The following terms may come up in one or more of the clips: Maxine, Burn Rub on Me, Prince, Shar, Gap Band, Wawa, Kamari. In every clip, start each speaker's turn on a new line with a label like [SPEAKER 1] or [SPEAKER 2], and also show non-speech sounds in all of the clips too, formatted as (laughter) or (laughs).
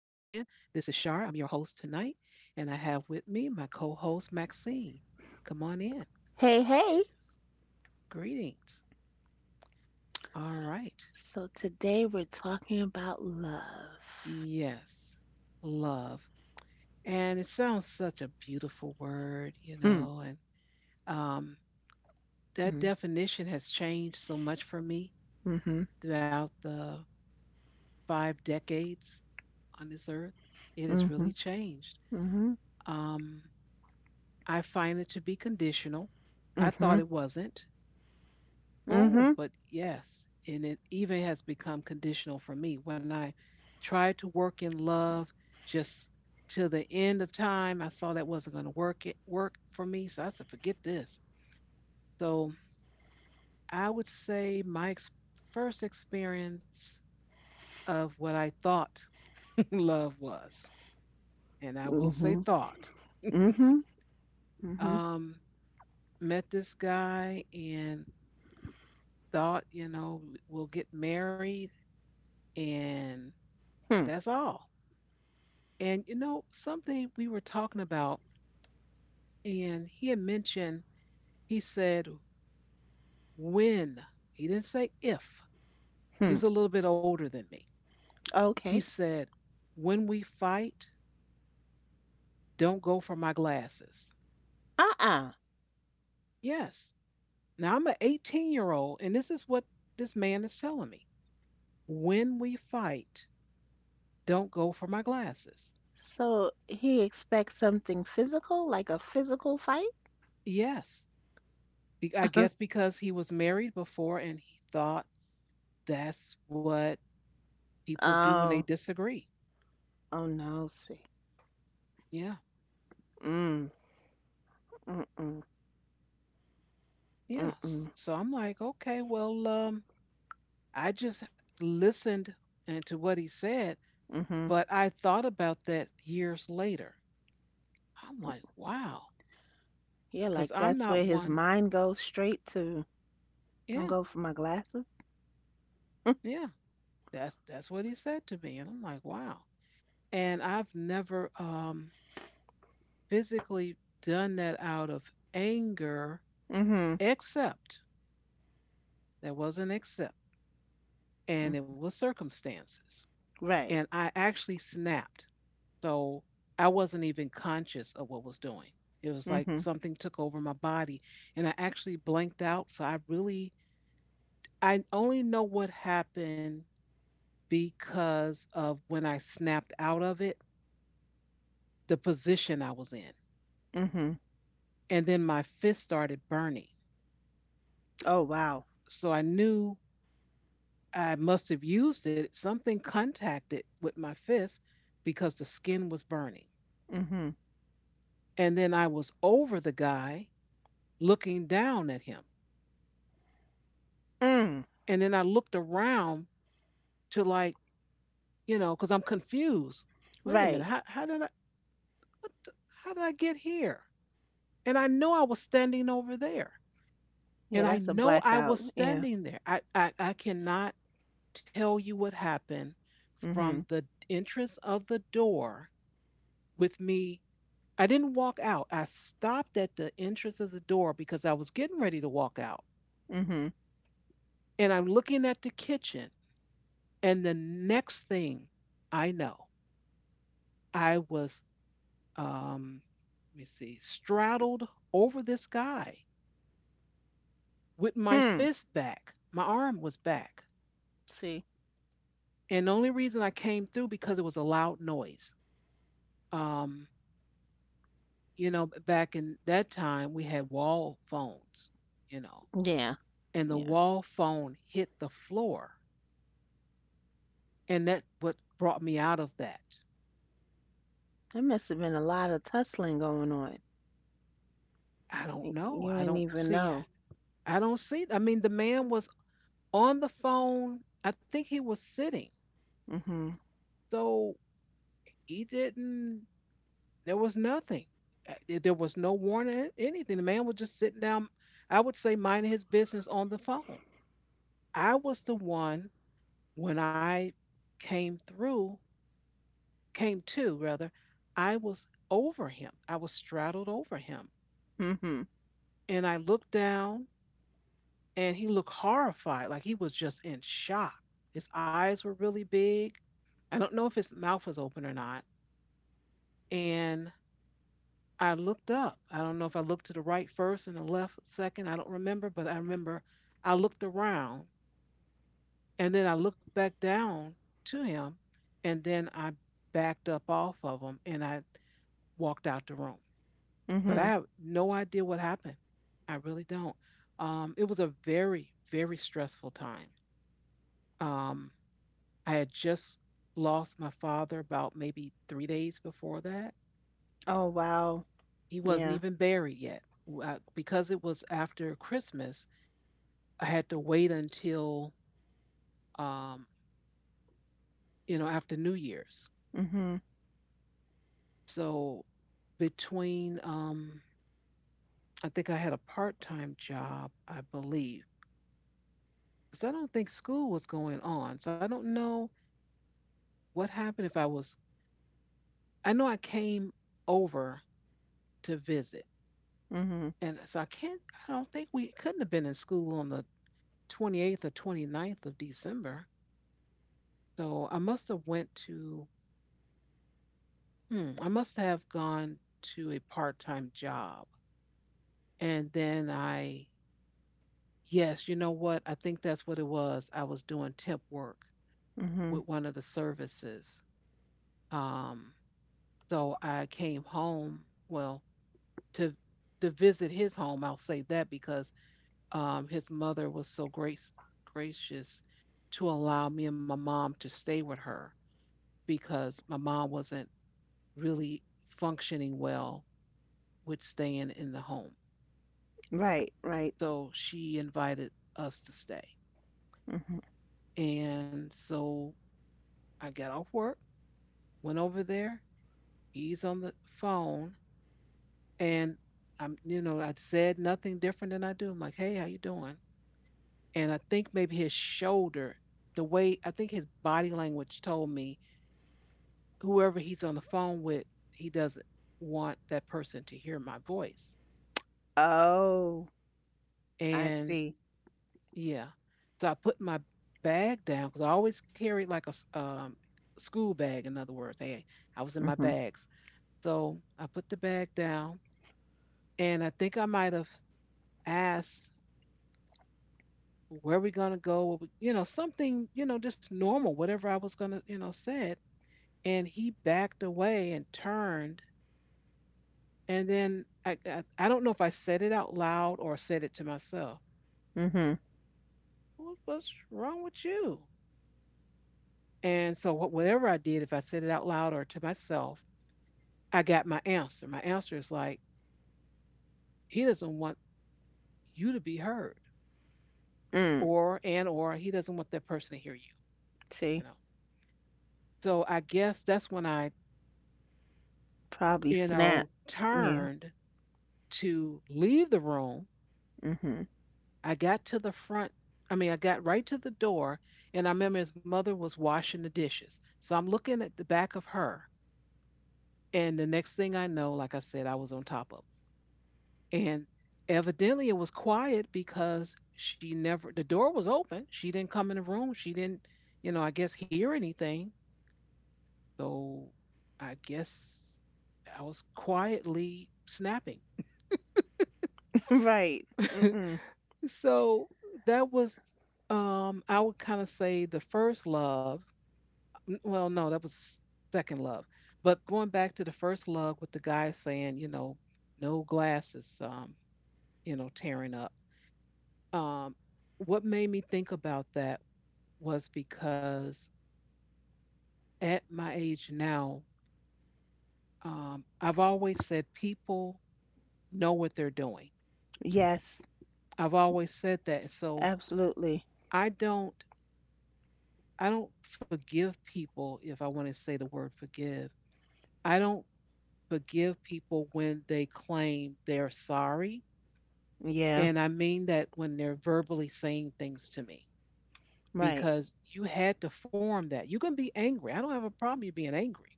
[SPEAKER 1] This is Shar. I'm your host tonight, and I have with me my co host, Maxine. Come on in.
[SPEAKER 2] Hey, hey.
[SPEAKER 1] Greetings. All right.
[SPEAKER 2] So today we're talking about love.
[SPEAKER 1] Yes, love. And it sounds such a beautiful word,
[SPEAKER 2] Mm,
[SPEAKER 1] and um, that
[SPEAKER 2] mm,
[SPEAKER 1] definition has changed so much for me
[SPEAKER 2] mm-hmm,
[SPEAKER 1] throughout the five decades on this earth. It has
[SPEAKER 2] mm-hmm,
[SPEAKER 1] really changed.
[SPEAKER 2] mm-hmm,
[SPEAKER 1] Um, I find it to be conditional. I
[SPEAKER 2] mm-hmm,
[SPEAKER 1] thought it wasn't.
[SPEAKER 2] mm-hmm,
[SPEAKER 1] Oh, but yes. And it even has become conditional for me. When I tried to work in love just till the end of time, I saw that wasn't going to work it work for me. So I said, forget this. So I would say my first experience of what I thought (laughs) love was, and I will say
[SPEAKER 2] mm-hmm,
[SPEAKER 1] thought,
[SPEAKER 2] mm-hmm, mm-hmm,
[SPEAKER 1] um, met this guy and thought, we'll get married and
[SPEAKER 2] hmm,
[SPEAKER 1] that's all. And, you know, something we were talking about, and he had mentioned, he said, when, he didn't say if, he
[SPEAKER 2] hmm.
[SPEAKER 1] was a little bit older than me. He
[SPEAKER 2] Okay.
[SPEAKER 1] said, when we fight, don't go for my glasses.
[SPEAKER 2] Uh-uh.
[SPEAKER 1] Yes. Now I'm an 18-year-old, and this is what this man is telling me. When we fight, don't go for my glasses.
[SPEAKER 2] So he expects something physical, like a physical fight?
[SPEAKER 1] Yes. I guess
[SPEAKER 2] (laughs)
[SPEAKER 1] because he was married before and he thought that's what people do when they
[SPEAKER 2] Oh,
[SPEAKER 1] disagree.
[SPEAKER 2] oh no, see.
[SPEAKER 1] Yeah.
[SPEAKER 2] Mm, mm-mm,
[SPEAKER 1] Yes.
[SPEAKER 2] mm-mm,
[SPEAKER 1] So I'm like, okay, well, I just listened and to what he said,
[SPEAKER 2] mm-hmm.
[SPEAKER 1] but I thought about that years later. I'm like, wow,
[SPEAKER 2] Yeah,
[SPEAKER 1] because
[SPEAKER 2] like
[SPEAKER 1] I'm
[SPEAKER 2] that's
[SPEAKER 1] not
[SPEAKER 2] where his
[SPEAKER 1] one.
[SPEAKER 2] mind goes straight to. Don't
[SPEAKER 1] Yeah,
[SPEAKER 2] go for my glasses.
[SPEAKER 1] yeah. That's what he said to me, and I'm like, wow. And I've never physically done that out of anger,
[SPEAKER 2] Mm-hmm.
[SPEAKER 1] except there wasn't except,
[SPEAKER 2] Mm,
[SPEAKER 1] and it was circumstances.
[SPEAKER 2] right.
[SPEAKER 1] And I actually snapped. So I wasn't even conscious of what I was doing. It was like
[SPEAKER 2] Mm-hmm.
[SPEAKER 1] something took over my body, and I actually blanked out. So I really, I only know what happened because of when I snapped out of it, the position I was in.
[SPEAKER 2] Mhm.
[SPEAKER 1] And then my fist started burning.
[SPEAKER 2] Oh, wow.
[SPEAKER 1] So I knew I must have used it. Something contacted with my fist because the skin was burning.
[SPEAKER 2] Mhm.
[SPEAKER 1] And then I was over the guy looking down at him.
[SPEAKER 2] Mm.
[SPEAKER 1] And then I looked around to like, because I'm confused. Wait a minute,
[SPEAKER 2] Right.
[SPEAKER 1] how did I what the, how did I get here? And I know I was standing over there. And
[SPEAKER 2] Yeah,
[SPEAKER 1] I
[SPEAKER 2] that's a
[SPEAKER 1] know I was
[SPEAKER 2] blackout. Yeah.
[SPEAKER 1] standing there. I cannot tell you what happened from
[SPEAKER 2] Mhm.
[SPEAKER 1] the entrance of the door with me. I didn't walk out. I stopped at the entrance of the door because I was getting ready to walk out.
[SPEAKER 2] Mhm.
[SPEAKER 1] And I'm looking at the kitchen. And the next thing I know, I was, um, let me see, straddled over this guy with my
[SPEAKER 2] Hmm.
[SPEAKER 1] fist back. My arm was back.
[SPEAKER 2] See.
[SPEAKER 1] And the only reason I came through because it was a loud noise. Um, you know, back in that time, we had wall phones, you know,
[SPEAKER 2] Yeah.
[SPEAKER 1] and the
[SPEAKER 2] Yeah.
[SPEAKER 1] wall phone hit the floor. And that what brought me out of that.
[SPEAKER 2] There must have been a lot of tussling going on.
[SPEAKER 1] I don't
[SPEAKER 2] Y-
[SPEAKER 1] know.
[SPEAKER 2] You
[SPEAKER 1] I
[SPEAKER 2] didn't
[SPEAKER 1] don't
[SPEAKER 2] even
[SPEAKER 1] see.
[SPEAKER 2] know.
[SPEAKER 1] I don't see. I mean, the man was on the phone. I think he was sitting,
[SPEAKER 2] Mhm.
[SPEAKER 1] so he didn't. There was nothing. There was no warning, anything. The man was just sitting down. I would say minding his business on the phone. I was the one when I came through, came to rather. I was over him. I was straddled over him,
[SPEAKER 2] Mhm.
[SPEAKER 1] and I looked down, and he looked horrified, like he was just in shock. His eyes were really big. I don't know if his mouth was open or not. And I looked up. I don't know if I looked to the right first and the left second. I don't remember, but I remember I looked around and then I looked back down to him and then I backed up off of him and I walked out the room. But I
[SPEAKER 2] Mhm.
[SPEAKER 1] have no idea what happened. I really don't. It was a very, very stressful time. Um, I had just lost my father about maybe 3 days before that.
[SPEAKER 2] Oh, wow.
[SPEAKER 1] He wasn't
[SPEAKER 2] Yeah.
[SPEAKER 1] even buried yet. Because it was after Christmas, I had to wait until um, you know after New Year's.
[SPEAKER 2] Mhm.
[SPEAKER 1] So between I think I had a part time job, I believe, because I don't think school was going on. So I don't know what happened if I was. I know I came over to visit,
[SPEAKER 2] Mhm.
[SPEAKER 1] and so I can't. I don't think we couldn't have been in school on the 28th or 29th of December. So I must have went to. Hmm, I must have gone to a part time job. And then I, yes, you know what? I think that's what it was. I was doing temp work with
[SPEAKER 2] Mhm.
[SPEAKER 1] one of the services. Um, so I came home, well, to to visit his home. I'll say that because his mother was so grace gracious to allow me and my mom to stay with her because my mom wasn't really functioning well with staying in the home.
[SPEAKER 2] Right. Right.
[SPEAKER 1] So she invited us to stay.
[SPEAKER 2] Mhm.
[SPEAKER 1] And so I got off work, went over there. He's on the phone, and I'm, you know, I said nothing different than I do. I'm like, "Hey, how you doing?" And I think maybe his shoulder, the way I think his body language told me, whoever he's on the phone with, he doesn't want that person to hear my voice.
[SPEAKER 2] Oh, I
[SPEAKER 1] And
[SPEAKER 2] see.
[SPEAKER 1] yeah, so I put my bag down because I always carried like a school bag. In other words, hey, I was in my
[SPEAKER 2] Mhm.
[SPEAKER 1] bags. So I put the bag down. And I think I might have asked where we gonna go, what we, you know, something, you know, just normal, whatever I was gonna, you know, said. And he backed away and turned. And then I don't know if I said it out loud or said it to myself.
[SPEAKER 2] Mhm.
[SPEAKER 1] What's wrong with you? And so whatever I did, if I said it out loud or to myself, I got my answer. My answer is like, he doesn't want you to be heard,
[SPEAKER 2] Mm.
[SPEAKER 1] or and or he doesn't want that person to hear you. You know.
[SPEAKER 2] See.
[SPEAKER 1] So I guess that's when I
[SPEAKER 2] Probably snap. Yeah.
[SPEAKER 1] turned to leave the room.
[SPEAKER 2] Mhm.
[SPEAKER 1] I got to the front. I mean, I got right to the door, and I remember his mother was washing the dishes. So I'm looking at the back of her, and the next thing I know, like I said, I was on top of. Him. And evidently, it was quiet because she never. The door was open. She didn't come in the room. She didn't, you know, I guess hear anything. So I guess I was quietly snapping.
[SPEAKER 2] (laughs) Right. Mm-mm.
[SPEAKER 1] So that was, I would kind of say the first love. Well, no, that was second love. But going back to the first love with the guy saying, no glasses, you know, tearing up. Um, what made me think about that was because at my age now, I've always said people know what they're doing.
[SPEAKER 2] Yes,
[SPEAKER 1] I've always said that. So
[SPEAKER 2] absolutely.
[SPEAKER 1] I don't I don't forgive people if I want to say the word forgive I don't forgive people when they claim they're sorry.
[SPEAKER 2] Yeah,
[SPEAKER 1] And I mean that when they're verbally saying things to me,
[SPEAKER 2] right.
[SPEAKER 1] because you had to form that. You can be angry. I don't have a problem you being angry.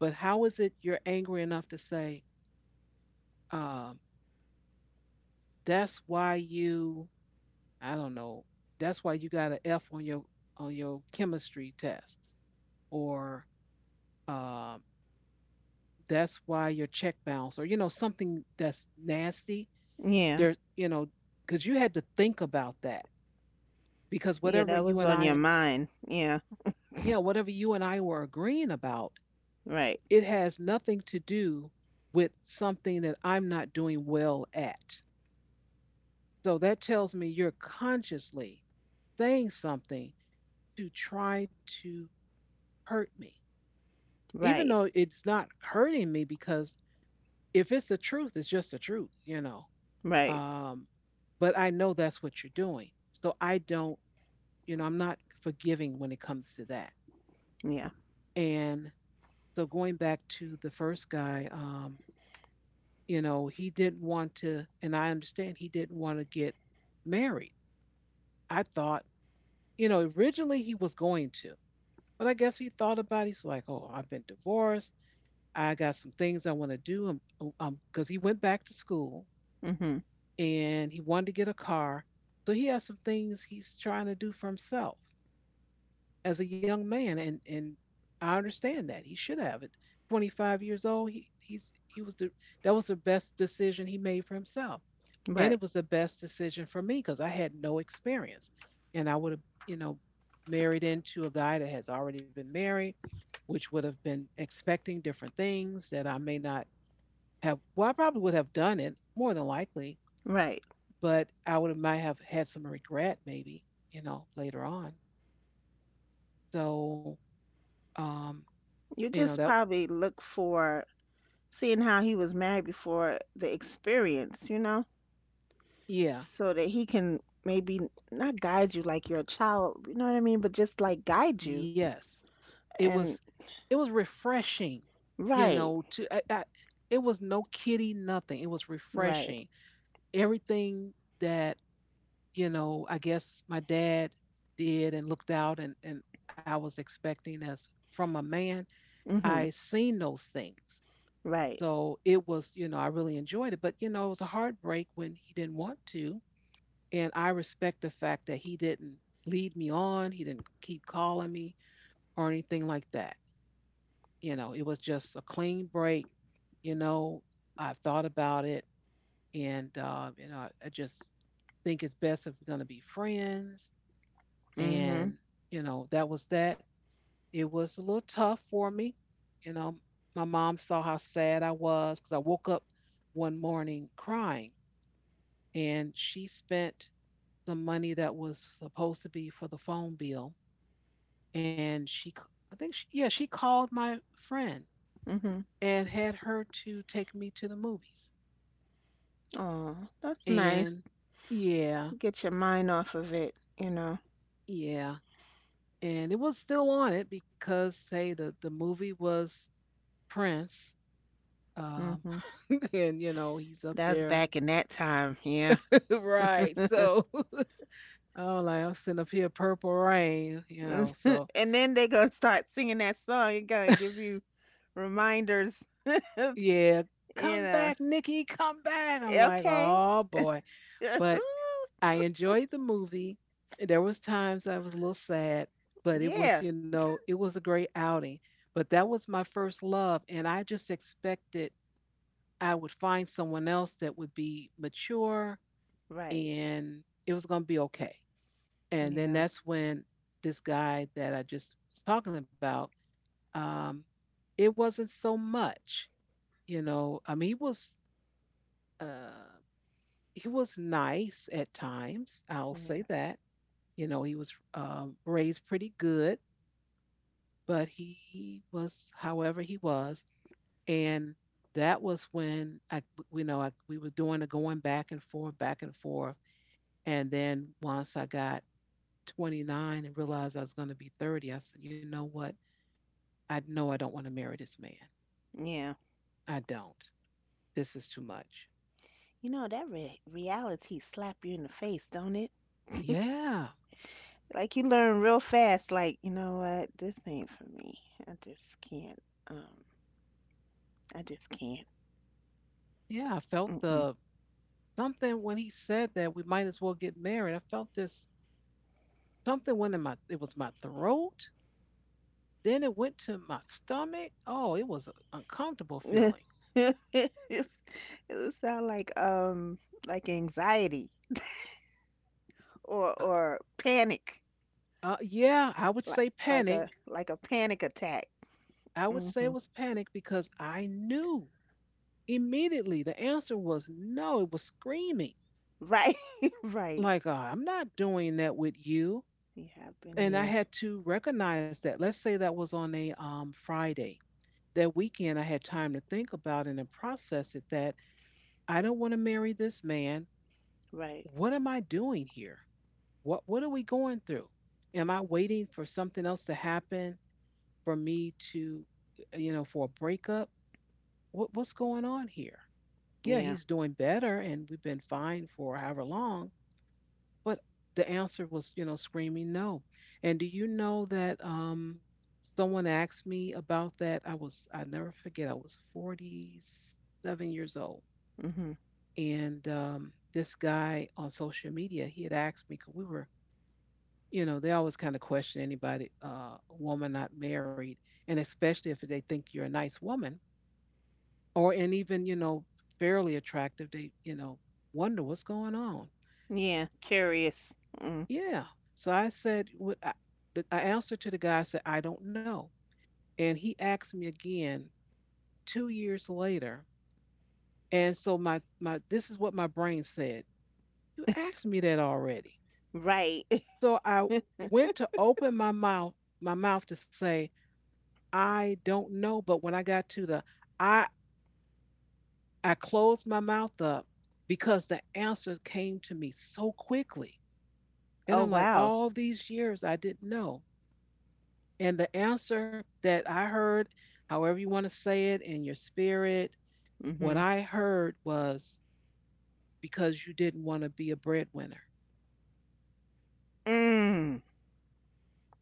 [SPEAKER 1] But how is it you're angry enough to say, um, that's why you, I don't know, that's why you got an F on your chemistry test, or um, that's why your check bounced, or you know something that's nasty
[SPEAKER 2] Yeah,
[SPEAKER 1] there, you know, because you had to think about that because
[SPEAKER 2] yeah,
[SPEAKER 1] whatever
[SPEAKER 2] that
[SPEAKER 1] you
[SPEAKER 2] was
[SPEAKER 1] and
[SPEAKER 2] on your
[SPEAKER 1] I,
[SPEAKER 2] mind. Yeah,
[SPEAKER 1] yeah, whatever you and I were agreeing about,
[SPEAKER 2] right,
[SPEAKER 1] it has nothing to do with something that I'm not doing well at. So that tells me you're consciously saying something to try to hurt me, even
[SPEAKER 2] right,
[SPEAKER 1] though it's not hurting me because if it's the truth, it's just the truth, you know.
[SPEAKER 2] right.
[SPEAKER 1] Um, but I know that's what you're doing. So I don't, you know, I'm not forgiving when it comes to that.
[SPEAKER 2] Yeah,
[SPEAKER 1] And so going back to the first guy, you know, he didn't want to, and I understand he didn't want to get married. I thought, you know, originally he was going to, but I guess he thought about it. He's like, oh, I've been divorced. I got some things I want to do. Oh, because he went back to school
[SPEAKER 2] mm-hmm.
[SPEAKER 1] and he wanted to get a car. So he has some things he's trying to do for himself. As a young man, and I understand that he should have. At 25 years old, he he's he was the that was the best decision he made for himself, and
[SPEAKER 2] Right,
[SPEAKER 1] it was the best decision for me because I had no experience, and I would have you know married into a guy that has already been married, which would have been expecting different things that I may not have. Well, I probably would have done it more than likely,
[SPEAKER 2] right.
[SPEAKER 1] but I would have, might have had some regret maybe later on. So um,
[SPEAKER 2] You
[SPEAKER 1] you know
[SPEAKER 2] just
[SPEAKER 1] that
[SPEAKER 2] probably look for seeing how he was married before the experience,
[SPEAKER 1] Yeah.
[SPEAKER 2] so that he can maybe not guide you like you're a child, you know what I mean, but just like guide you.
[SPEAKER 1] Yes. It was
[SPEAKER 2] And
[SPEAKER 1] it was refreshing, you
[SPEAKER 2] right,
[SPEAKER 1] know, to I, I, it was no kitty nothing. It was
[SPEAKER 2] right,
[SPEAKER 1] refreshing. Everything that, I guess my dad did and looked out and I was expecting as from a man,
[SPEAKER 2] mm-hmm,
[SPEAKER 1] I seen those things.
[SPEAKER 2] right,
[SPEAKER 1] So it was, I really enjoyed it, but, it was a heartbreak when he didn't want to. And I respect the fact that he didn't lead me on, he didn't keep calling me or anything like that. It was just a clean break. You know, I've thought about it and, you know, I just think it's best if we're going to be friends.
[SPEAKER 2] mm-hmm,
[SPEAKER 1] And, that was that. It was a little tough for me. You know, my mom saw how sad I was because I woke up one morning crying and she spent the money that was supposed to be for the phone bill. And she, I think, she, yeah, she called my friend
[SPEAKER 2] mm-hmm.
[SPEAKER 1] and had her to take me to the movies.
[SPEAKER 2] Oh, that's nice.
[SPEAKER 1] And yeah,
[SPEAKER 2] Get your mind off of it, you know.
[SPEAKER 1] yeah. And it was still on it because, say, the movie was Prince. Um,
[SPEAKER 2] Hmm.
[SPEAKER 1] (laughs) and, he's up
[SPEAKER 2] That's
[SPEAKER 1] there.
[SPEAKER 2] back in that time, yeah.
[SPEAKER 1] (laughs) Right. So (laughs) I'm sitting up here, purple rain, So
[SPEAKER 2] (laughs) And then they gonna start singing that song. It gonna give you reminders, (laughs) you
[SPEAKER 1] yeah, come
[SPEAKER 2] know.
[SPEAKER 1] back, Nikki, come back. I'm like,
[SPEAKER 2] Okay.
[SPEAKER 1] oh boy. But
[SPEAKER 2] (laughs)
[SPEAKER 1] I enjoyed the movie. There was times I was a little sad, but it
[SPEAKER 2] Yeah.
[SPEAKER 1] was, it was a great outing. But that was my first love, and I just expected I would find someone else that would be mature
[SPEAKER 2] Right.
[SPEAKER 1] and it was going to be okay. And then
[SPEAKER 2] Yeah.
[SPEAKER 1] that's when this guy that I just was talking about, um, it wasn't so much, I mean, uh, he was nice at times. I'll
[SPEAKER 2] Yeah.
[SPEAKER 1] say that. You know, he was raised pretty good, but he was, however, he was. And that was when I, you know, I, we were doing the going back and forth, back and forth. And then once I got 29 and realized I was going to be 30, I said, you know what? I know I don't want to marry this man.
[SPEAKER 2] Yeah.
[SPEAKER 1] I don't. This is too much.
[SPEAKER 2] You know that reality slap you in the face, don't it?
[SPEAKER 1] Yeah.
[SPEAKER 2] Like you learn real fast. Like you know what, this ain't for me. I just can't. Um, I just can't.
[SPEAKER 1] Yeah. I felt the something when he said that we might as well get married. I felt this something went in my, it was my throat. Then it went to my stomach. Oh, it was an uncomfortable
[SPEAKER 2] Mm-mm.
[SPEAKER 1] feeling.
[SPEAKER 2] (laughs) It sound like anxiety or
[SPEAKER 1] Uh,
[SPEAKER 2] or panic,
[SPEAKER 1] yeah, I would
[SPEAKER 2] like
[SPEAKER 1] say
[SPEAKER 2] like a
[SPEAKER 1] panic.
[SPEAKER 2] like a panic attack.
[SPEAKER 1] I would say it
[SPEAKER 2] Hmm.
[SPEAKER 1] was panic because I knew immediately the answer was no. It was screaming,
[SPEAKER 2] Right, (laughs) right.
[SPEAKER 1] like, I'm not doing that with you.
[SPEAKER 2] Yeah, I've been
[SPEAKER 1] And I
[SPEAKER 2] there.
[SPEAKER 1] had to recognize that. Let's say that was on a Friday. That weekend, I had time to think about it and process it that I don't want to marry this man.
[SPEAKER 2] Right.
[SPEAKER 1] What am I doing here? What are we going through? Am I waiting for something else to happen for me to, for a breakup? What what's going on here? Yeah,
[SPEAKER 2] Yeah.
[SPEAKER 1] he's doing better and we've been fine for however long, but the answer was, screaming no. And do you know that someone asked me about that? I never forget, I was 47 years old
[SPEAKER 2] Hmm.
[SPEAKER 1] and this guy on social media he had asked me because we were, they always kind of question anybody, woman not married, and especially if they think you're a nice woman or and even fairly attractive, they wonder what's going on.
[SPEAKER 2] Yeah. Curious. Mm.
[SPEAKER 1] Yeah. So I said, I answered to the guy. I said, I don't know, and he asked me again 2 years later. And so my this is what my brain said. You asked me that already.
[SPEAKER 2] Right. (laughs)
[SPEAKER 1] So I went to open my mouth to say I don't know, but when I got to the I I closed my mouth up because the answer came to me so quickly. And
[SPEAKER 2] Oh,
[SPEAKER 1] I'm like,
[SPEAKER 2] wow.
[SPEAKER 1] all these years I didn't know. And the answer that I heard, however you want to say it in your spirit, what
[SPEAKER 2] Hmm.
[SPEAKER 1] I heard was because you didn't want to be a breadwinner.
[SPEAKER 2] Mm.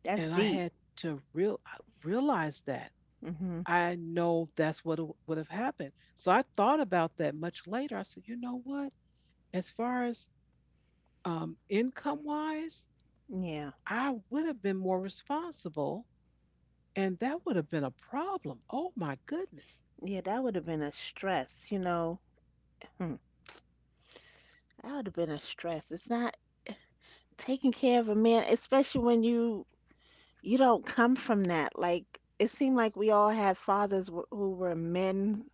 [SPEAKER 2] That's
[SPEAKER 1] And I
[SPEAKER 2] deep.
[SPEAKER 1] had to realize that.
[SPEAKER 2] Hmm.
[SPEAKER 1] I know that's what would have happened. So I thought about that much later. I said, you know what? As far as income wise,
[SPEAKER 2] Yeah.
[SPEAKER 1] I would have been more responsible and that would have been a problem. Oh my goodness.
[SPEAKER 2] Yeah, that would have been a stress, you know. Hmm. That would have been a stress. It's not taking care of a man, especially when you don't come from that. Like, it seemed like we all had fathers who were men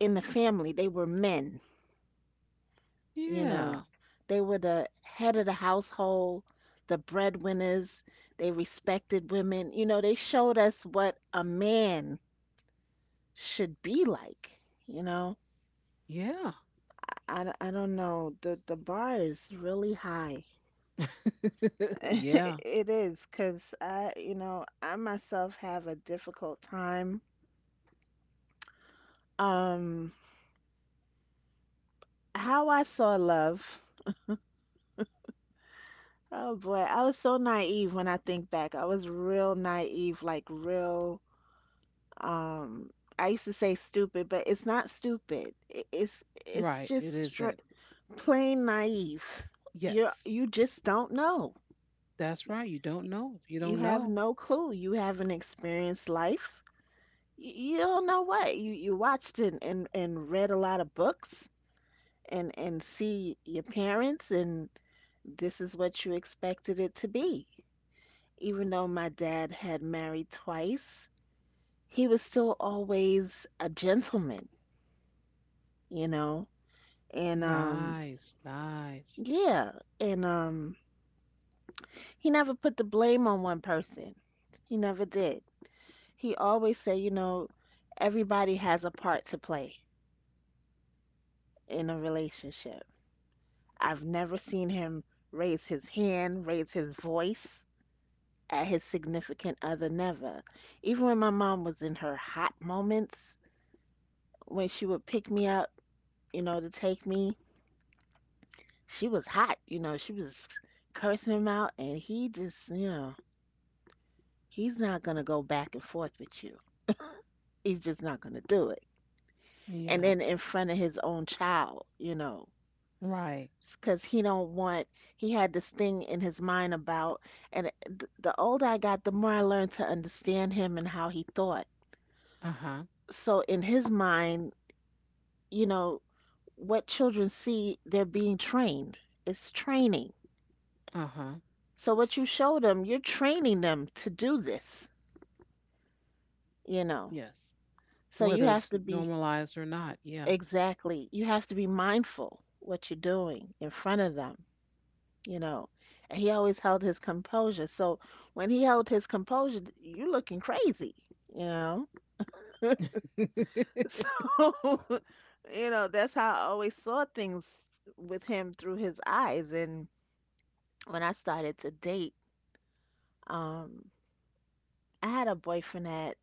[SPEAKER 2] in the family. They were men, you
[SPEAKER 1] Yeah.
[SPEAKER 2] know. They were the head of the household, the breadwinners. They respected women. You know, they showed us what a man should be like, you know.
[SPEAKER 1] Yeah.
[SPEAKER 2] I don't know. The bar is really high.
[SPEAKER 1] (laughs)
[SPEAKER 2] (laughs)
[SPEAKER 1] Yeah.
[SPEAKER 2] It is, 'cause I myself have a difficult time. Um, How I saw love. Oh boy, I was so naive when I think back. I was real naive, like real um I used to say stupid, but it's not stupid. It's
[SPEAKER 1] Right.
[SPEAKER 2] just
[SPEAKER 1] It isn't.
[SPEAKER 2] straight, plain naive. You
[SPEAKER 1] Yes.
[SPEAKER 2] you just don't know.
[SPEAKER 1] That's right. You don't know if you
[SPEAKER 2] You
[SPEAKER 1] don't
[SPEAKER 2] have
[SPEAKER 1] know.
[SPEAKER 2] no clue. You haven't experienced life. You don't know what. You watched and read a lot of books and see your parents and this is what you expected it to be. Even though my dad had married twice, he was still always a gentleman, you know? And
[SPEAKER 1] Nice. Nice.
[SPEAKER 2] yeah, and he never put the blame on one person. He never did. He always said, everybody has a part to play in a relationship. I've never seen him raise his hand, raise his voice at his significant other, never. Even when my mom was in her hot moments, when she would pick me up, to take me. She was hot, she was cursing him out, and he just, he's not gonna go back and forth with you. He's just not gonna do it. And
[SPEAKER 1] Yeah.
[SPEAKER 2] then in front of his own child,
[SPEAKER 1] Right.
[SPEAKER 2] because he don't want. He had this thing in his mind about, and the older I got, the more I learned to understand him and how he thought.
[SPEAKER 1] Uh huh.
[SPEAKER 2] So in his mind, you know, what children see, they're being trained. It's training.
[SPEAKER 1] Uh huh.
[SPEAKER 2] So what you show them, you're training them to do this, you know.
[SPEAKER 1] Yes.
[SPEAKER 2] So you
[SPEAKER 1] Whether it's
[SPEAKER 2] have to be
[SPEAKER 1] normalized or not. Yeah.
[SPEAKER 2] exactly, you have to be mindful what you're doing in front of them, you know. And he always held his composure. So when he held his composure, you're looking crazy, you know. (laughs)
[SPEAKER 1] (laughs)
[SPEAKER 2] So, (laughs) that's how I always saw things with him through his eyes. And when I started to date, um, I had a boyfriend at,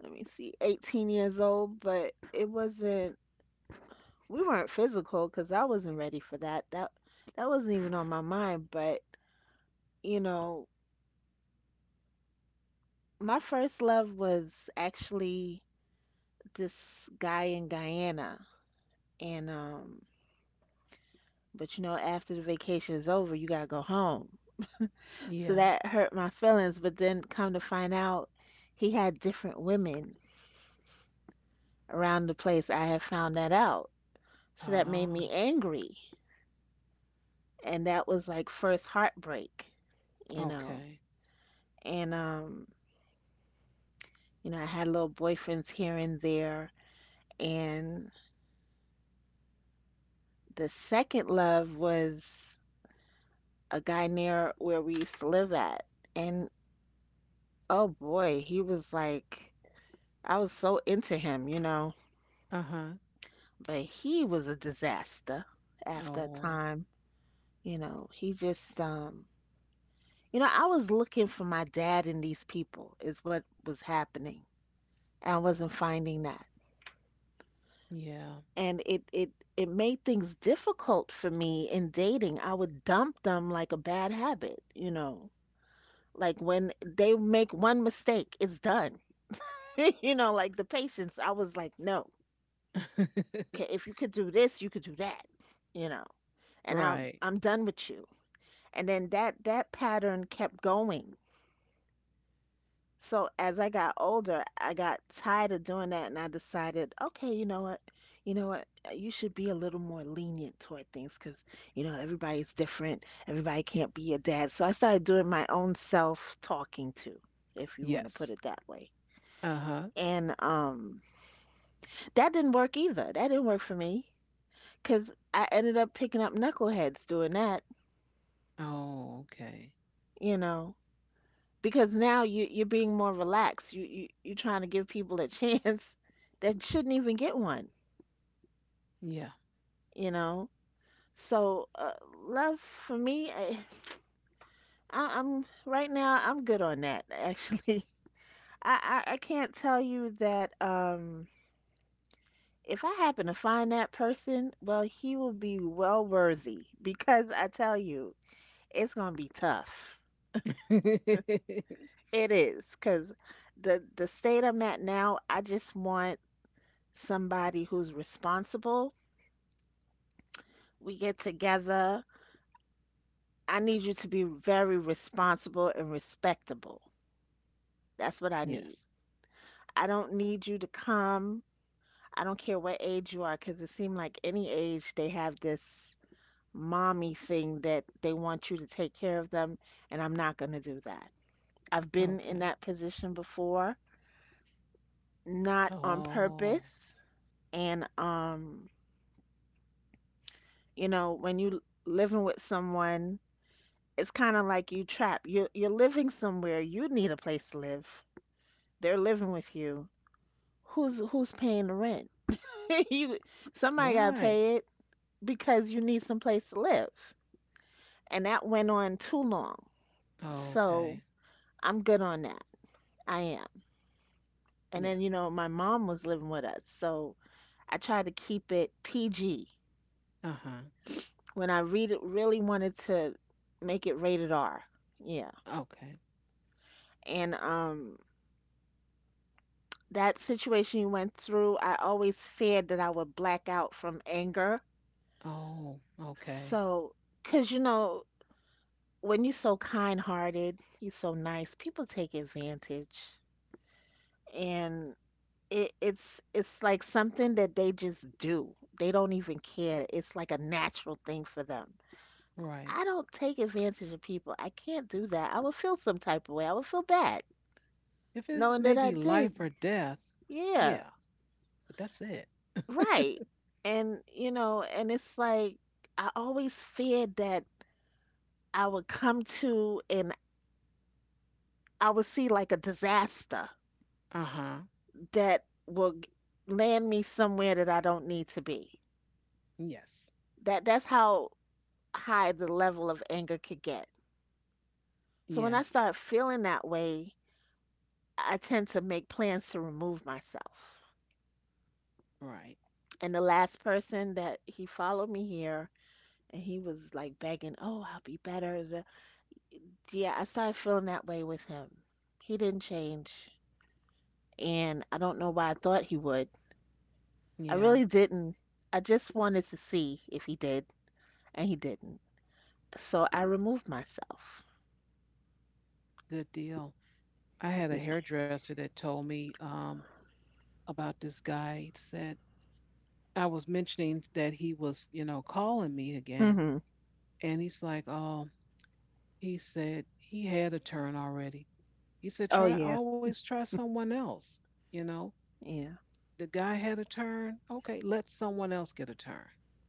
[SPEAKER 2] let me see, 18 years old, but it wasn't, we weren't physical because I wasn't ready for that. That wasn't even on my mind, but you know, my first love was actually this guy in Guyana. And but after the vacation is over, you gotta go home. So
[SPEAKER 1] Yeah.
[SPEAKER 2] that hurt my feelings, but then come to find out he had different women around the place. I had found that out. So that made
[SPEAKER 1] Ah.
[SPEAKER 2] me angry. And that was like first heartbreak. you know.
[SPEAKER 1] Okay.
[SPEAKER 2] And I had little boyfriends here and there. And the second love was a guy near where we used to live at. And oh boy, he was like I was so into him,
[SPEAKER 1] Uh huh.
[SPEAKER 2] but he was a disaster after a
[SPEAKER 1] Oh.
[SPEAKER 2] time. He just. I was looking for my dad in these people is what was happening. And I wasn't finding that.
[SPEAKER 1] Yeah.
[SPEAKER 2] And it made things difficult for me in dating. I would dump them like a bad habit. Like when they make one mistake, it's done. (laughs) Like the patience, I was like, no,
[SPEAKER 1] (laughs)
[SPEAKER 2] okay, if you could do this, you could do that, you know, and I'm
[SPEAKER 1] Right.
[SPEAKER 2] I'm done with you. And then that pattern kept going. So as I got older, I got tired of doing that and I decided, okay, you know what? You know what? You should be a little more lenient toward things because, everybody's different. Everybody can't be your dad. So I started doing my own self talking to, if you want to put
[SPEAKER 1] Yes.
[SPEAKER 2] it that way.
[SPEAKER 1] Uh huh.
[SPEAKER 2] And that didn't work either. That didn't work for me because I ended up picking up knuckleheads doing that,
[SPEAKER 1] Oh, okay.
[SPEAKER 2] you know, because now you're being more relaxed. You're trying to give people a (laughs) chance that shouldn't even get one.
[SPEAKER 1] Yeah.
[SPEAKER 2] you know so, love for me, I'm right now I'm good on that actually. (laughs) I can't tell you that if I happen to find that person, well, he will be well worthy because I tell you, it's gonna be tough.
[SPEAKER 1] (laughs)
[SPEAKER 2] It is because the state I'm at now, I just want somebody who's responsible. We get together, I need you to be very responsible and respectable. That's what I need.
[SPEAKER 1] Yes.
[SPEAKER 2] I don't need you to come. I don't care what age you are, because it seemed like any age they have this mommy thing that they want you to take care of them, and I'm not going to do that. I've been in
[SPEAKER 1] Okay.
[SPEAKER 2] that position before, not on
[SPEAKER 1] Oh,
[SPEAKER 2] purpose. And, when you living with someone, it's kind of like you trapped. You're living somewhere. You need a place to live. They're living with you. Who's paying the rent? (laughs) You somebody gotta
[SPEAKER 1] right.
[SPEAKER 2] pay it. Because you need some place to live. And that went on too long. So
[SPEAKER 1] Okay.
[SPEAKER 2] I'm good on that. I am. And then, you
[SPEAKER 1] Yes.
[SPEAKER 2] know, my mom was living with us. So I tried to keep it PG.
[SPEAKER 1] Uh huh.
[SPEAKER 2] When I read it, really wanted to make it rated R. Yeah.
[SPEAKER 1] Okay.
[SPEAKER 2] And that situation you went through, I always feared that I would black out from anger.
[SPEAKER 1] Oh, okay.
[SPEAKER 2] So, because, when you're so kind-hearted, you're so nice, people take advantage. And it's like something that they just do. They don't even care. It's like a natural thing for them.
[SPEAKER 1] Right.
[SPEAKER 2] I don't take advantage of people. I can't do that. I would feel some type of way. I would feel bad
[SPEAKER 1] If it's
[SPEAKER 2] knowing that
[SPEAKER 1] maybe
[SPEAKER 2] I
[SPEAKER 1] life
[SPEAKER 2] did.
[SPEAKER 1] or death,
[SPEAKER 2] Yeah,
[SPEAKER 1] yeah, but that's it. (laughs)
[SPEAKER 2] right. And it's like I always feared that I would come to and I would see like a disaster
[SPEAKER 1] Uh huh.
[SPEAKER 2] that will land me somewhere that I don't need to be.
[SPEAKER 1] Yes.
[SPEAKER 2] That's how high the level of anger could get. So when
[SPEAKER 1] Yeah.
[SPEAKER 2] I start feeling that way, I tend to make plans to remove myself.
[SPEAKER 1] Right.
[SPEAKER 2] And the last person that he followed me here and he was like begging, "Oh, I'll be better." Yeah, I started feeling that way with him. He didn't change, and I don't know why I thought he would. I
[SPEAKER 1] Yeah.
[SPEAKER 2] really didn't. I just wanted to see if he did, and he didn't. So I removed myself.
[SPEAKER 1] Good deal. I had a hairdresser that told me about this guy. He said, I was mentioning that he was, calling me again.
[SPEAKER 2] Hmm.
[SPEAKER 1] And he's like, oh, he said he had a turn already. He said,
[SPEAKER 2] Oh
[SPEAKER 1] try,
[SPEAKER 2] yeah.
[SPEAKER 1] always try someone else. You know,
[SPEAKER 2] Yeah.
[SPEAKER 1] the guy had a turn. Okay, let someone else get a turn.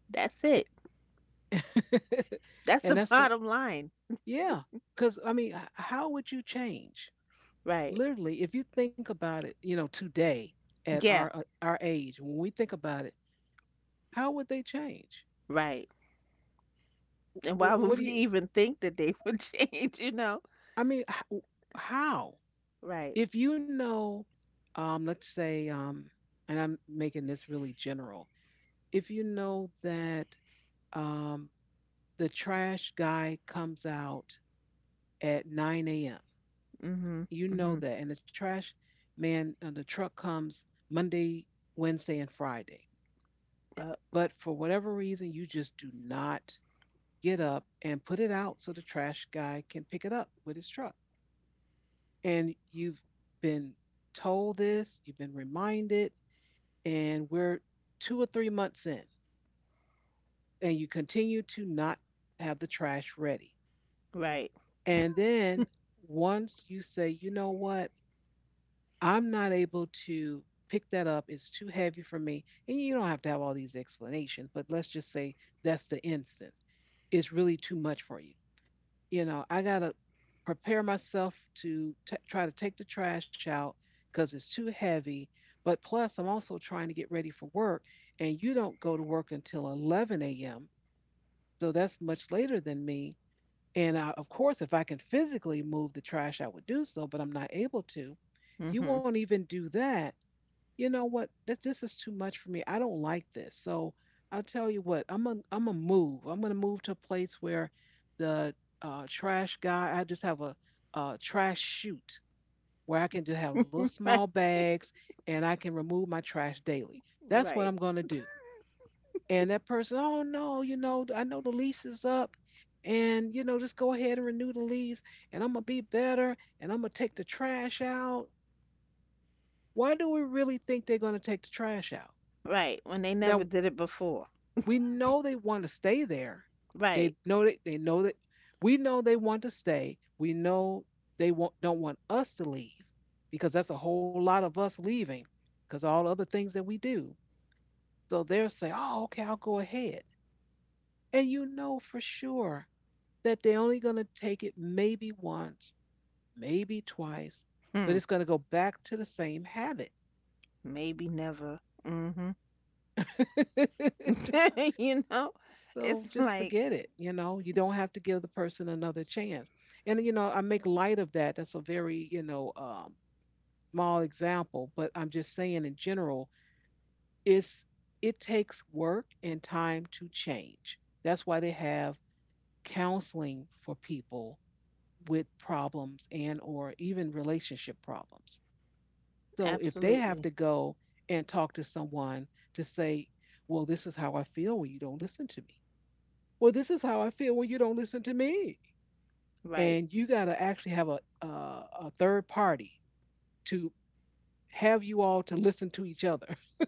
[SPEAKER 2] That's it.
[SPEAKER 1] (laughs)
[SPEAKER 2] That's the (laughs)
[SPEAKER 1] and that's a,
[SPEAKER 2] bottom line.
[SPEAKER 1] yeah. Because, I mean, how would you change?
[SPEAKER 2] Right.
[SPEAKER 1] Literally, if you think about it, today at
[SPEAKER 2] Yeah,
[SPEAKER 1] our age, when we think about it, how would they change?
[SPEAKER 2] right. And
[SPEAKER 1] Wh-
[SPEAKER 2] why
[SPEAKER 1] What
[SPEAKER 2] would
[SPEAKER 1] do
[SPEAKER 2] we
[SPEAKER 1] you
[SPEAKER 2] even think that they would (laughs) change, you know?
[SPEAKER 1] I mean, h- w- How?
[SPEAKER 2] Right.
[SPEAKER 1] If you know, let's say, and I'm making this really general, if you know that um, the trash guy comes out at 9 a.m.,
[SPEAKER 2] Mhm.
[SPEAKER 1] you know
[SPEAKER 2] Mhm.
[SPEAKER 1] that, and the trash man and the truck comes Monday, Wednesday, and Friday.
[SPEAKER 2] Yep.
[SPEAKER 1] But for whatever reason, you just do not get up and put it out so the trash guy can pick it up with his truck, and you've been told this, you've been reminded, and we're 2 or 3 months in, and you continue to not have the trash ready.
[SPEAKER 2] Right.
[SPEAKER 1] And then once you say, you know what, I'm not able to pick that up, it's too heavy for me, and you don't have to have all these explanations, but let's just say that's the instance. It's really too much for you. You know, I got to prepare myself to try to take the trash out because it's too heavy. But plus, I'm also trying to get ready for work. And you don't go to work until 11 a.m. So that's much later than me. And I, of course, if I can physically move the trash, I would do so, but I'm not able to. You
[SPEAKER 2] Mhm.
[SPEAKER 1] won't even do that. You know what, this is too much for me. I don't like this. So I'll tell you what, I'm gonna move. I'm gonna move to a place where the trash guy. I just have a trash chute where I can just have little small
[SPEAKER 2] Right.
[SPEAKER 1] bags and I can remove my trash daily. That's what
[SPEAKER 2] Right.
[SPEAKER 1] I'm gonna do. And that person, oh no, I know the lease is up. And, just go ahead and renew the lease, and I'm gonna be better, and I'm gonna take the trash out. Why do we really think they're gonna take the trash out?
[SPEAKER 2] Right. When they never
[SPEAKER 1] Now,
[SPEAKER 2] did it before.
[SPEAKER 1] we know they want to stay there.
[SPEAKER 2] Right.
[SPEAKER 1] They know that we know they want to stay. We know don't want us to leave because that's a whole lot of us leaving because all the other things that we do. So they'll say, "Oh, okay, I'll go ahead," and you know for sure that they're only going to take it maybe once, maybe twice, but
[SPEAKER 2] Hmm.
[SPEAKER 1] it's going to go back to the same habit.
[SPEAKER 2] Maybe never. Mhm.
[SPEAKER 1] (laughs)
[SPEAKER 2] (laughs) you know?
[SPEAKER 1] So
[SPEAKER 2] It's
[SPEAKER 1] just
[SPEAKER 2] like
[SPEAKER 1] forget it. You know, you don't have to give the person another chance. And, you know, I make light of that. That's a very, small example, but I'm just saying in general, it's, it takes work and time to change. That's why they have counseling for people with problems and or even relationship problems. So if they have
[SPEAKER 2] absolutely.
[SPEAKER 1] to go and talk to someone to say, well, this is how I feel when you don't listen to me Well, this is how I feel when you don't listen to me.
[SPEAKER 2] Right.
[SPEAKER 1] And you got to actually have a, a third party to have you all to listen to each other. (laughs)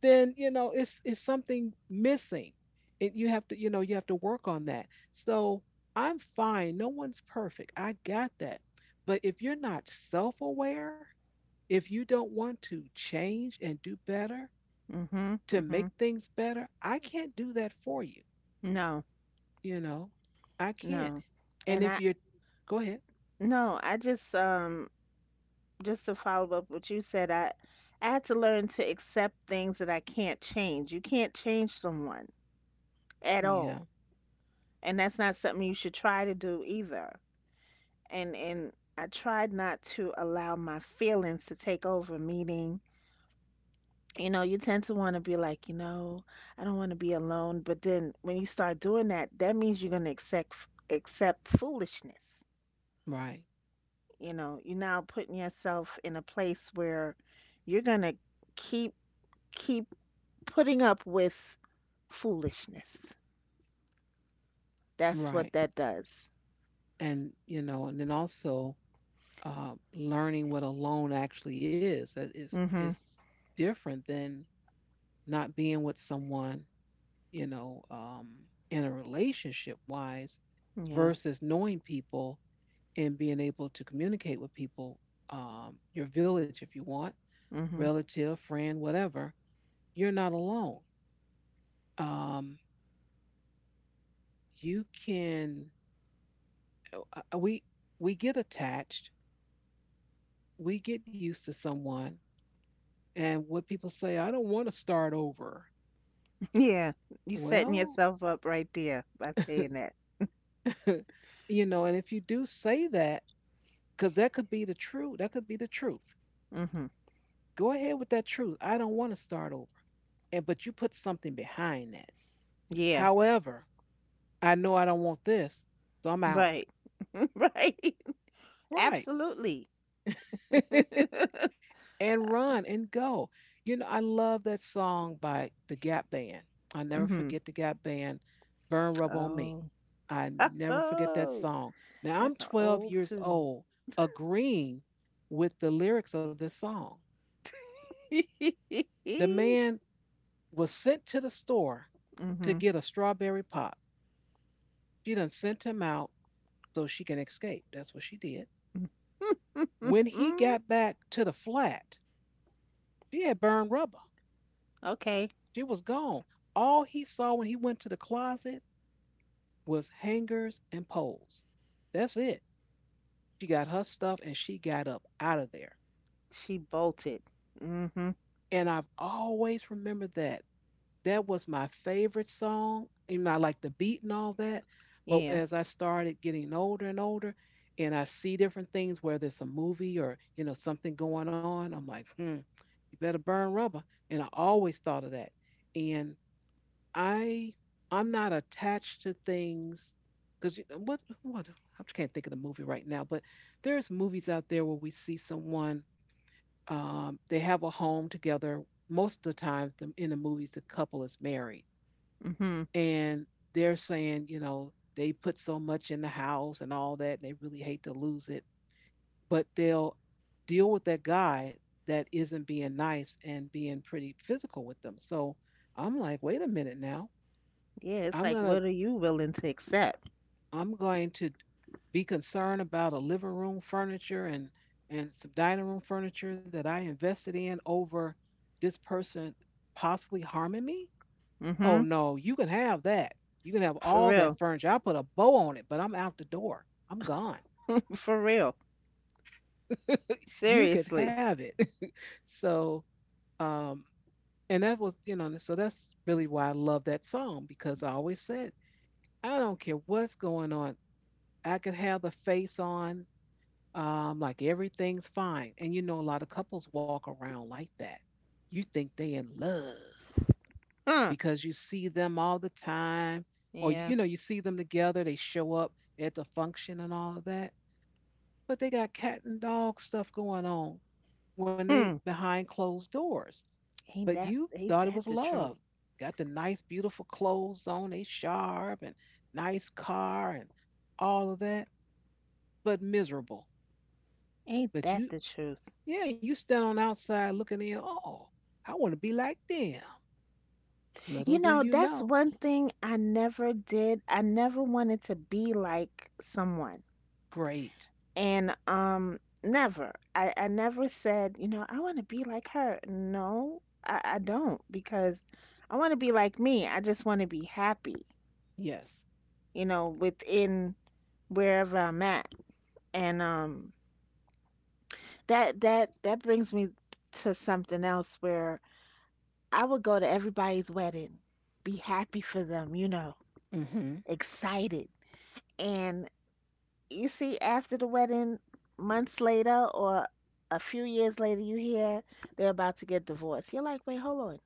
[SPEAKER 1] Then it's something missing, and you have to you have to work on that. So I'm fine. No one's perfect. I got that. But if you're not self-aware, if you don't want to change and do better
[SPEAKER 2] Mhm.
[SPEAKER 1] to make
[SPEAKER 2] Mhm.
[SPEAKER 1] things better, I can't do that for you.
[SPEAKER 2] No.
[SPEAKER 1] You know, I can't.
[SPEAKER 2] No.
[SPEAKER 1] And
[SPEAKER 2] And I
[SPEAKER 1] if you're, go ahead.
[SPEAKER 2] no, I just to follow up what you said, I had to learn to accept things that I can't change. You can't change someone at
[SPEAKER 1] Yeah,
[SPEAKER 2] all. And that's not something you should try to do either. And I tried not to allow my feelings to take over, meaning, you know, you tend to want to be like, you know, I don't want to be alone, but then when you start doing that, that means you're going to accept foolishness.
[SPEAKER 1] right,
[SPEAKER 2] You know, you're now putting yourself in a place where you're going to keep keep putting up with foolishness. That's what
[SPEAKER 1] right.
[SPEAKER 2] that does.
[SPEAKER 1] And you know, and then also learning what alone actually is. That is
[SPEAKER 2] Mhm.
[SPEAKER 1] it's different than not being with someone, you know, in a relationship wise
[SPEAKER 2] Yeah.
[SPEAKER 1] versus knowing people and being able to communicate with people, your village if you want,
[SPEAKER 2] Mhm.
[SPEAKER 1] relative, friend, whatever. You're not alone. Um, you can uh, uh, we we get attached, we get used to someone and what people say, I don't want to start over.
[SPEAKER 2] Yeah, you setting
[SPEAKER 1] Well,
[SPEAKER 2] yourself up right there by saying that.
[SPEAKER 1] (laughs) you know, and if you do say that, because that could be the truth, that could be the truth.
[SPEAKER 2] Mhm.
[SPEAKER 1] Go ahead with that truth. I don't want to start over. And but you put something behind that.
[SPEAKER 2] Yeah.
[SPEAKER 1] However, I know I don't want this, so I'm out.
[SPEAKER 2] Right. (laughs) Right.
[SPEAKER 1] Right.
[SPEAKER 2] Absolutely.
[SPEAKER 1] (laughs) And run and go. You know, I love that song by the Gap Band. I'll never
[SPEAKER 2] Mhm.
[SPEAKER 1] forget the Gap Band, Burn Rub on Me.
[SPEAKER 2] Oh.
[SPEAKER 1] I
[SPEAKER 2] (laughs)
[SPEAKER 1] never forget that
[SPEAKER 2] Oh.
[SPEAKER 1] song. Now I'm
[SPEAKER 2] That's an
[SPEAKER 1] 12
[SPEAKER 2] old
[SPEAKER 1] years
[SPEAKER 2] tune.
[SPEAKER 1] old, agreeing with the lyrics of this song. The
[SPEAKER 2] (laughs)
[SPEAKER 1] man was sent to the store to
[SPEAKER 2] Mhm.
[SPEAKER 1] get a strawberry pop. She done sent him out so she can escape. That's what she did. When he
[SPEAKER 2] Mhm.
[SPEAKER 1] got back to the flat, she had burned rubber.
[SPEAKER 2] Okay.
[SPEAKER 1] She was gone. All he saw when he went to the closet was hangers and poles. That's it. She got her stuff and she got up out of there.
[SPEAKER 2] She bolted. Mhm.
[SPEAKER 1] And I've always remembered that. That was my favorite song. You know, I like the beat and all that. But
[SPEAKER 2] Yeah.
[SPEAKER 1] as I started getting older and older, and I see different things, whether it's a movie or you know something going on, I'm like, hmm, you better burn rubber. And I always thought of that. And I I'm not attached to things because what I can't think of the movie right now, but there's movies out there where we see someone, they have a home together. Most of the times, in the movies, the couple is married,
[SPEAKER 2] Mhm.
[SPEAKER 1] and they're saying you know they put so much in the house and all that, and they really hate to lose it, but they'll deal with that guy that isn't being nice and being pretty physical with them. So I'm like, wait a minute now.
[SPEAKER 2] Yeah, it's
[SPEAKER 1] I'm
[SPEAKER 2] like
[SPEAKER 1] gonna
[SPEAKER 2] what are you willing to accept?
[SPEAKER 1] I'm going to be concerned about a living room furniture and some dining room furniture that I invested in over this person possibly harming me? Oh
[SPEAKER 2] Mhm.
[SPEAKER 1] no, you can have that. You can have
[SPEAKER 2] For
[SPEAKER 1] all that
[SPEAKER 2] real.
[SPEAKER 1] furniture. I'll put a bow on it, but I'm out the door. I'm gone.
[SPEAKER 2] (laughs) For real.
[SPEAKER 1] You could
[SPEAKER 2] Seriously.
[SPEAKER 1] have it. (laughs) So um and that was you know so that's really why I love that song because I always said I don't care what's going on. I could have the face on, like everything's fine. And you know, a lot of couples walk around like that. You think they in love
[SPEAKER 2] Huh.
[SPEAKER 1] because you see them all the time, or you
[SPEAKER 2] Yeah.
[SPEAKER 1] know, you see them together. They show up at the function and all of that, but they got cat and dog stuff going on when they
[SPEAKER 2] Hmm.
[SPEAKER 1] behind closed doors.
[SPEAKER 2] Ain't
[SPEAKER 1] But you thought it was
[SPEAKER 2] that the truth?
[SPEAKER 1] love. Got the nice, beautiful clothes on, they sharp and nice car and all of that, but miserable.
[SPEAKER 2] Ain't
[SPEAKER 1] But
[SPEAKER 2] that the
[SPEAKER 1] you
[SPEAKER 2] truth?
[SPEAKER 1] Yeah, you stand on outside looking in. Oh, I want to be like them. Little
[SPEAKER 2] You
[SPEAKER 1] do
[SPEAKER 2] know,
[SPEAKER 1] you
[SPEAKER 2] that's
[SPEAKER 1] know.
[SPEAKER 2] one thing I never did. I never wanted to be like someone.
[SPEAKER 1] Great.
[SPEAKER 2] And never. I never said, you know, I want to be like her. No, I don't because I want to be like me. I just want to be happy,
[SPEAKER 1] Yes.
[SPEAKER 2] you know, within wherever I'm at. And that brings me to something else where I would go to everybody's wedding, be happy for them, you know,
[SPEAKER 1] Mm-hmm.
[SPEAKER 2] excited. And you see, after the wedding, months later or a few years later, you hear they're about to get divorced. You're like, wait, hold on.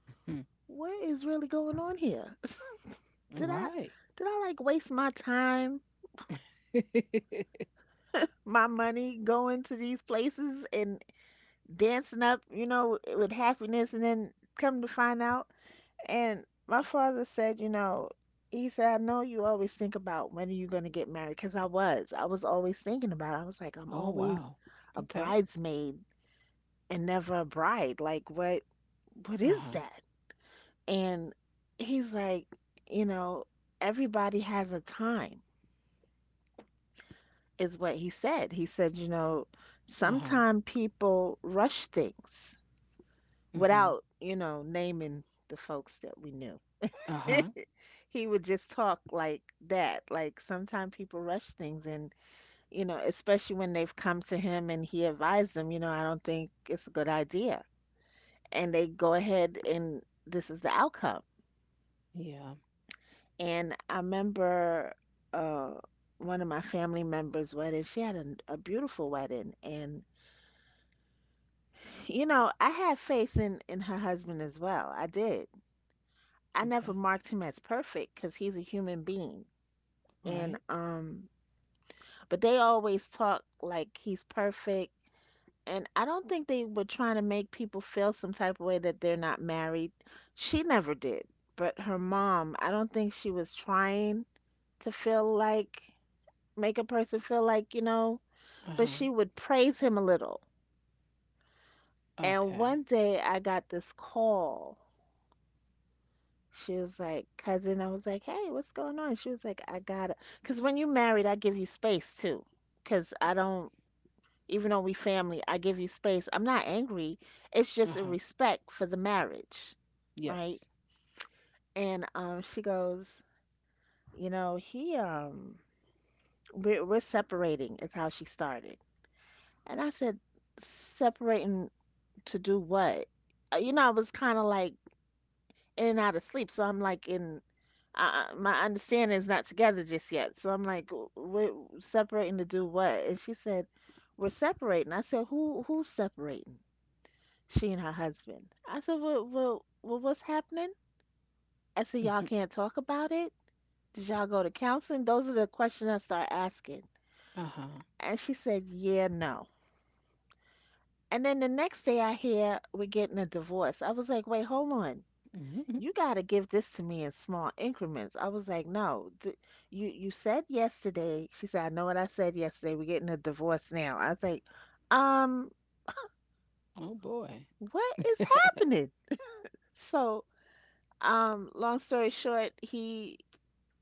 [SPEAKER 1] Mm-hmm.
[SPEAKER 2] What is really going on here? (laughs) Did I
[SPEAKER 1] Right.
[SPEAKER 2] did I like waste my time,
[SPEAKER 1] (laughs)
[SPEAKER 2] my money going to these places and dancing up, you know, with happiness and then come to find out. And my father said, you know, he said, I know you always think about when are you going to get married? Because I was. I was always thinking about it. I was like, I'm
[SPEAKER 1] Oh
[SPEAKER 2] always
[SPEAKER 1] wow.
[SPEAKER 2] a
[SPEAKER 1] Okay.
[SPEAKER 2] bridesmaid and never a bride. Like, what
[SPEAKER 1] Uh
[SPEAKER 2] is
[SPEAKER 1] huh.
[SPEAKER 2] that? And he's like, you know, everybody has a time, is what he said. He said, you know,
[SPEAKER 1] Uh huh.
[SPEAKER 2] sometimes people rush things
[SPEAKER 1] Mm-hmm.
[SPEAKER 2] without, you know, naming the folks that we knew.
[SPEAKER 1] Uh huh.
[SPEAKER 2] (laughs) He would just talk like that. Like sometimes people rush things and you know, especially when they've come to him and he advised them, you know, I don't think it's a good idea. And they go ahead and this is the outcome.
[SPEAKER 1] Yeah.
[SPEAKER 2] And I remember uh one of my family members' wedding, she had a beautiful wedding and you know, I had faith in her husband as well. I did. I never
[SPEAKER 1] Okay.
[SPEAKER 2] marked him as perfect because he's a human being. And
[SPEAKER 1] Right.
[SPEAKER 2] but they always talk like he's perfect. And I don't think they were trying to make people feel some type of way that they're not married. She never did. But her mom, I don't think she was trying to feel like, make a person feel like, you know,
[SPEAKER 1] Uh
[SPEAKER 2] but
[SPEAKER 1] huh.
[SPEAKER 2] she would praise him a little. And
[SPEAKER 1] Okay.
[SPEAKER 2] one day I got this call. She was like, cousin, I was like, hey, what's going on? She was like, I gotta, because when you married, I give you space too. Because I don't even though we family, I give you space. I'm not angry. It's
[SPEAKER 1] Uh
[SPEAKER 2] just a
[SPEAKER 1] huh.
[SPEAKER 2] respect for the marriage, right?
[SPEAKER 1] Yes.
[SPEAKER 2] And she goes, you know, he we're separating. Is how she started. And I said, separating to do what? You know, I was kind of like in and out of sleep, so I'm like in. My understanding is not together just yet, so I'm like, "W- we're separating to do what? And she said, we're separating. I said, who's separating? She and her husband. I said, well, well, well, what's happening? I said, y'all
[SPEAKER 1] Mm-hmm.
[SPEAKER 2] can't talk about it? Did y'all go to counseling? Those are the questions I start asking.
[SPEAKER 1] Uh huh.
[SPEAKER 2] And she said, yeah, no. And then the next day I hear we're getting a divorce. I was like, wait, hold on.
[SPEAKER 1] Mm-hmm.
[SPEAKER 2] You got to give this to me in small increments. I was like, no, d you said yesterday. She said, I know what I said yesterday. We're getting a divorce now. I was like, um,
[SPEAKER 1] Oh boy.
[SPEAKER 2] what
[SPEAKER 1] (laughs) Uh
[SPEAKER 2] is happening? So, long story short, he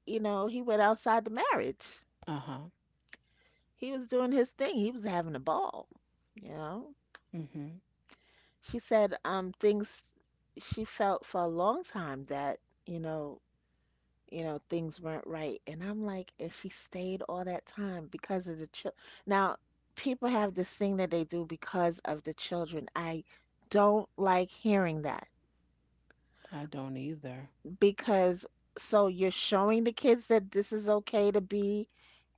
[SPEAKER 2] you know, he went outside the marriage.
[SPEAKER 1] huh.
[SPEAKER 2] He was doing his thing. He was having a ball, you know.
[SPEAKER 1] Mm-hmm.
[SPEAKER 2] She said things she felt for a long time that, you know, you know, things weren't right. And I'm like, and she stayed all that time because of the children. Now, people have this thing that they do because of the children. I don't like hearing that
[SPEAKER 1] I don't either.
[SPEAKER 2] because so you're showing the kids that this is okay to be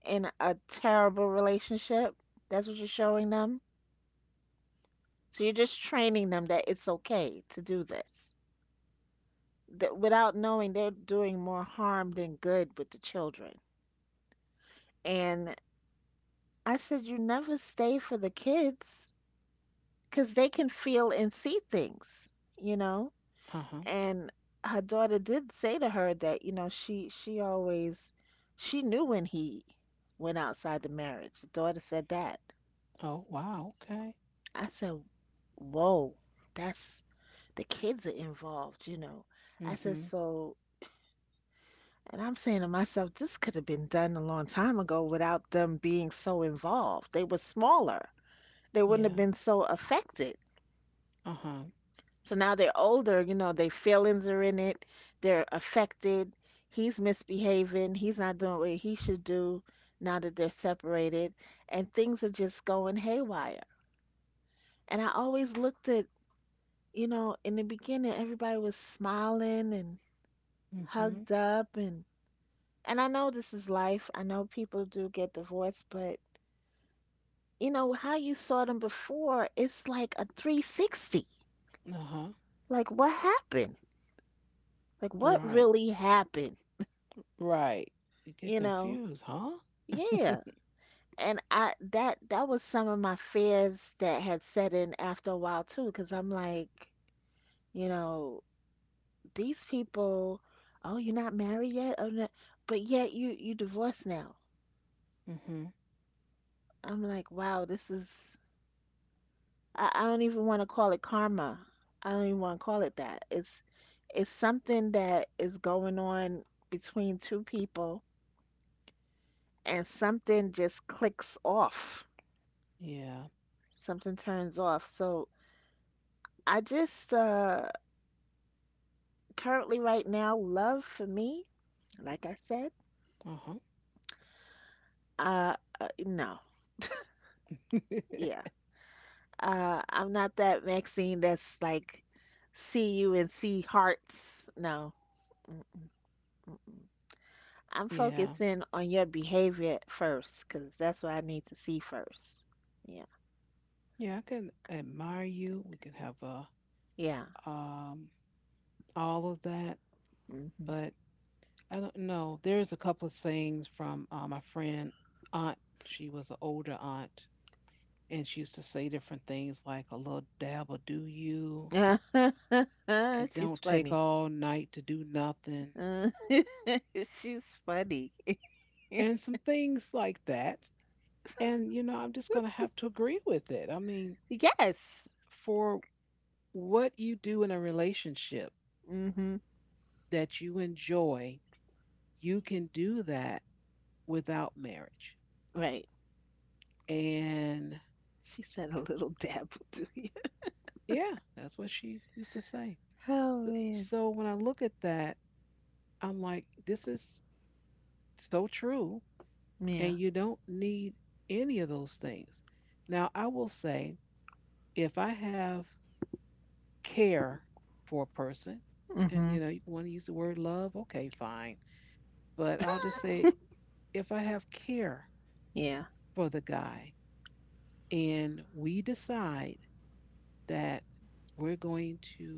[SPEAKER 2] in a terrible relationship. That's what you're showing them. So you're just training them that it's okay to do this. That without knowing, they're doing more harm than good with the children. And I said, you never stay for the kids because they can feel and see things, you know?
[SPEAKER 1] Uh huh.
[SPEAKER 2] And her daughter did say to her that, you know, she always she knew when he went outside the marriage. The daughter said that.
[SPEAKER 1] Oh wow. Okay.
[SPEAKER 2] I said, whoa, that's the kids are involved, you know. I said,
[SPEAKER 1] Mm-hmm.
[SPEAKER 2] so, and I'm saying to myself, this could have been done a long time ago without them being so involved. They were smaller, they wouldn't have
[SPEAKER 1] Yeah.
[SPEAKER 2] been so affected.
[SPEAKER 1] Uh huh.
[SPEAKER 2] So now they're older, you know, their feelings are in it, they're affected. He's misbehaving, he's not doing what he should do now that they're separated, and things are just going haywire. And I always looked at, you know, in the beginning, everybody was smiling and
[SPEAKER 1] Mhm.
[SPEAKER 2] hugged up and. And I know this is life. I know people do get divorced, but you know how you saw them before, it's like a 360.
[SPEAKER 1] Uh huh.
[SPEAKER 2] Like what happened? Like what
[SPEAKER 1] Right.
[SPEAKER 2] really happened?
[SPEAKER 1] Right. You get
[SPEAKER 2] You know?
[SPEAKER 1] confused, huh?
[SPEAKER 2] Yeah.
[SPEAKER 1] (laughs)
[SPEAKER 2] And I that was some of my fears that had set in after a while too, because I'm like, you know, these people, oh, you're not married yet? Oh, no. But yet you divorced now.
[SPEAKER 1] Mhm.
[SPEAKER 2] I'm like, wow, this is I don't even want to call it karma. I don't even want to call it that. It's something that is going on between two people and something just clicks off.
[SPEAKER 1] Yeah.
[SPEAKER 2] Something turns off. So I just currently right now love for me, like I said,
[SPEAKER 1] Uh huh.
[SPEAKER 2] uh, no. Yeah.
[SPEAKER 1] (laughs)
[SPEAKER 2] I'm not that Maxine that's like see you and see hearts. No. Mm. I'm
[SPEAKER 1] Yeah.
[SPEAKER 2] focusing on your behavior first because that's what I need to see first. Yeah.
[SPEAKER 1] Yeah. I can admire you. We can have a,
[SPEAKER 2] Yeah.
[SPEAKER 1] um all of that,
[SPEAKER 2] Mm-hmm.
[SPEAKER 1] but I don't know. There's a couple of sayings from my friend aunt. She was an older aunt, and she used to say different things like a little dab will do you.
[SPEAKER 2] (laughs)
[SPEAKER 1] It
[SPEAKER 2] She's
[SPEAKER 1] don't take
[SPEAKER 2] funny.
[SPEAKER 1] all night to do nothing,
[SPEAKER 2] Uh, (laughs) She's funny. (laughs)
[SPEAKER 1] and some things like that. And, you know, I'm just going to have to agree with it. I mean,
[SPEAKER 2] Yes.
[SPEAKER 1] for what you do in a relationship
[SPEAKER 2] Mm-hmm.
[SPEAKER 1] that you enjoy, you can do that without marriage.
[SPEAKER 2] Right.
[SPEAKER 1] And
[SPEAKER 2] She said a little dab to you.
[SPEAKER 1] yeah, that's what she used to say.
[SPEAKER 2] (laughs) Oh man.
[SPEAKER 1] So when I look at that, I'm like, this is so true. And
[SPEAKER 2] Yeah.
[SPEAKER 1] you don't need any of those things. Now, I will say, if I have care for a person, and
[SPEAKER 2] Mm-hmm.
[SPEAKER 1] you know, you want to use the word love, okay, fine, but I'll just say if I have care
[SPEAKER 2] Yeah.
[SPEAKER 1] for the guy and we decide that we're going to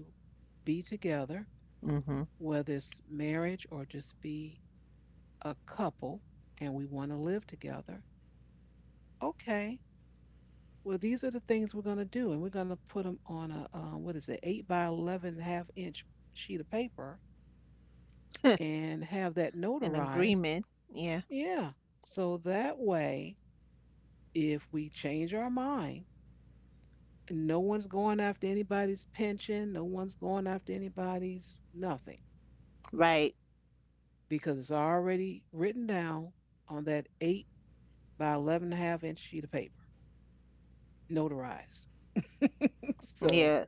[SPEAKER 1] be together,
[SPEAKER 2] Mm-hmm.
[SPEAKER 1] whether it's marriage or just be a couple and we want to live together, okay, well, these are the things we're going to do. And we're going to put them on a, what is it, 8 by 11 half inch sheet of paper
[SPEAKER 2] (laughs)
[SPEAKER 1] and have that
[SPEAKER 2] An
[SPEAKER 1] notarized.
[SPEAKER 2] agreement. Yeah.
[SPEAKER 1] Yeah. So that way, if we change our mind, no one's going after anybody's pension, no one's going after anybody's nothing
[SPEAKER 2] Right.
[SPEAKER 1] because it's already written down on that eight by 11 and a half inch sheet of paper, notarized. (laughs) So,
[SPEAKER 2] Yeah.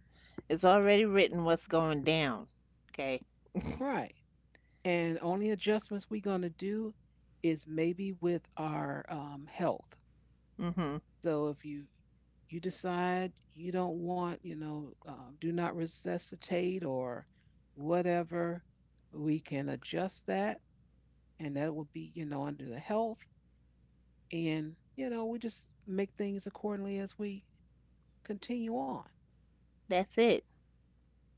[SPEAKER 2] It's already written what's going down. Okay.
[SPEAKER 1] right. And only adjustments we're going to do is maybe with our, health.
[SPEAKER 2] Mm-hmm.
[SPEAKER 1] So, if you decide you don't want, you know, do not resuscitate or whatever, we can adjust that and that would be, you know, under the health. And, you know, we just make things accordingly as we continue on.
[SPEAKER 2] That's it.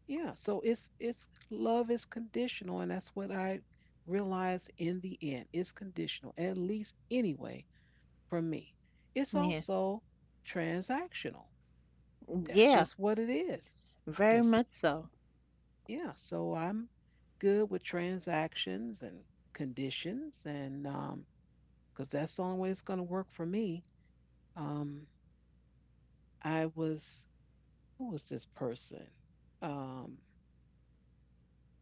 [SPEAKER 1] Yeah. So it's love is conditional and that's what I realized in the end. It's conditional, at least anyway, for me. It's
[SPEAKER 2] Yeah.
[SPEAKER 1] also transactional. That's
[SPEAKER 2] Yeah.
[SPEAKER 1] just what it is.
[SPEAKER 2] Very
[SPEAKER 1] It's
[SPEAKER 2] much so.
[SPEAKER 1] yeah, so I'm good with transactions and conditions and because that's the only way it's going to work for me. Um, I was, who was this person? Um,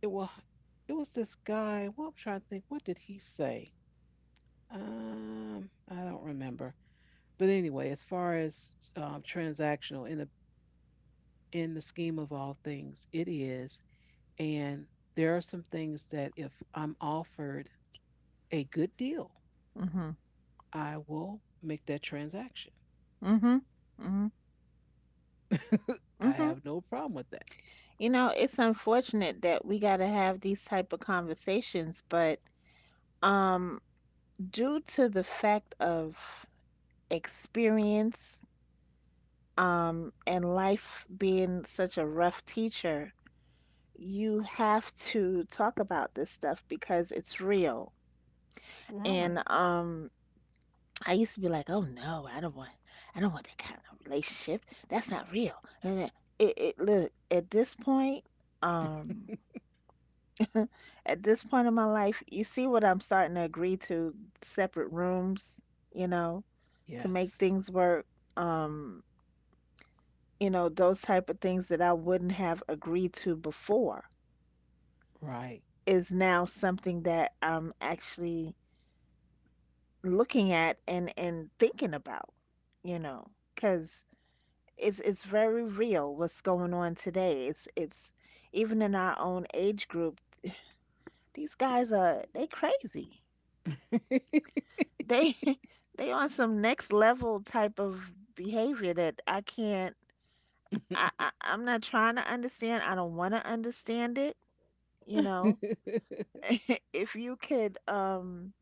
[SPEAKER 1] it was this guy. Well, I'm trying to think. What did he say? I don't remember. But anyway, as far as transactional in the scheme of all things, it is. And there are some things that if I'm offered a good deal,
[SPEAKER 2] Mhm.
[SPEAKER 1] I will make that transaction.
[SPEAKER 2] Mhm. Mhm.
[SPEAKER 1] I
[SPEAKER 2] Mhm.
[SPEAKER 1] have no problem with that.
[SPEAKER 2] You know, it's unfortunate that we got to have these type of conversations, but um due to the fact of experience and life being such a rough teacher, you have to talk about this stuff because it's real.
[SPEAKER 1] Right.
[SPEAKER 2] And I used to be like, oh no, I don't want that kind of relationship. That's not real. And then it look um, at this point in my life, you see what I'm starting to agree to separate rooms, you know, to make
[SPEAKER 1] Yes.
[SPEAKER 2] things work. Um, you know, those type of things that I wouldn't have agreed to before
[SPEAKER 1] Right.
[SPEAKER 2] is now something that I'm actually looking at and thinking about, you know, because it's very real what's going on today. It's even in our own age group, these guys are they crazy. They (laughs) they on some next level type of behavior that I can't I'm not trying to understand. I don't want to understand it, you know. (laughs) If you could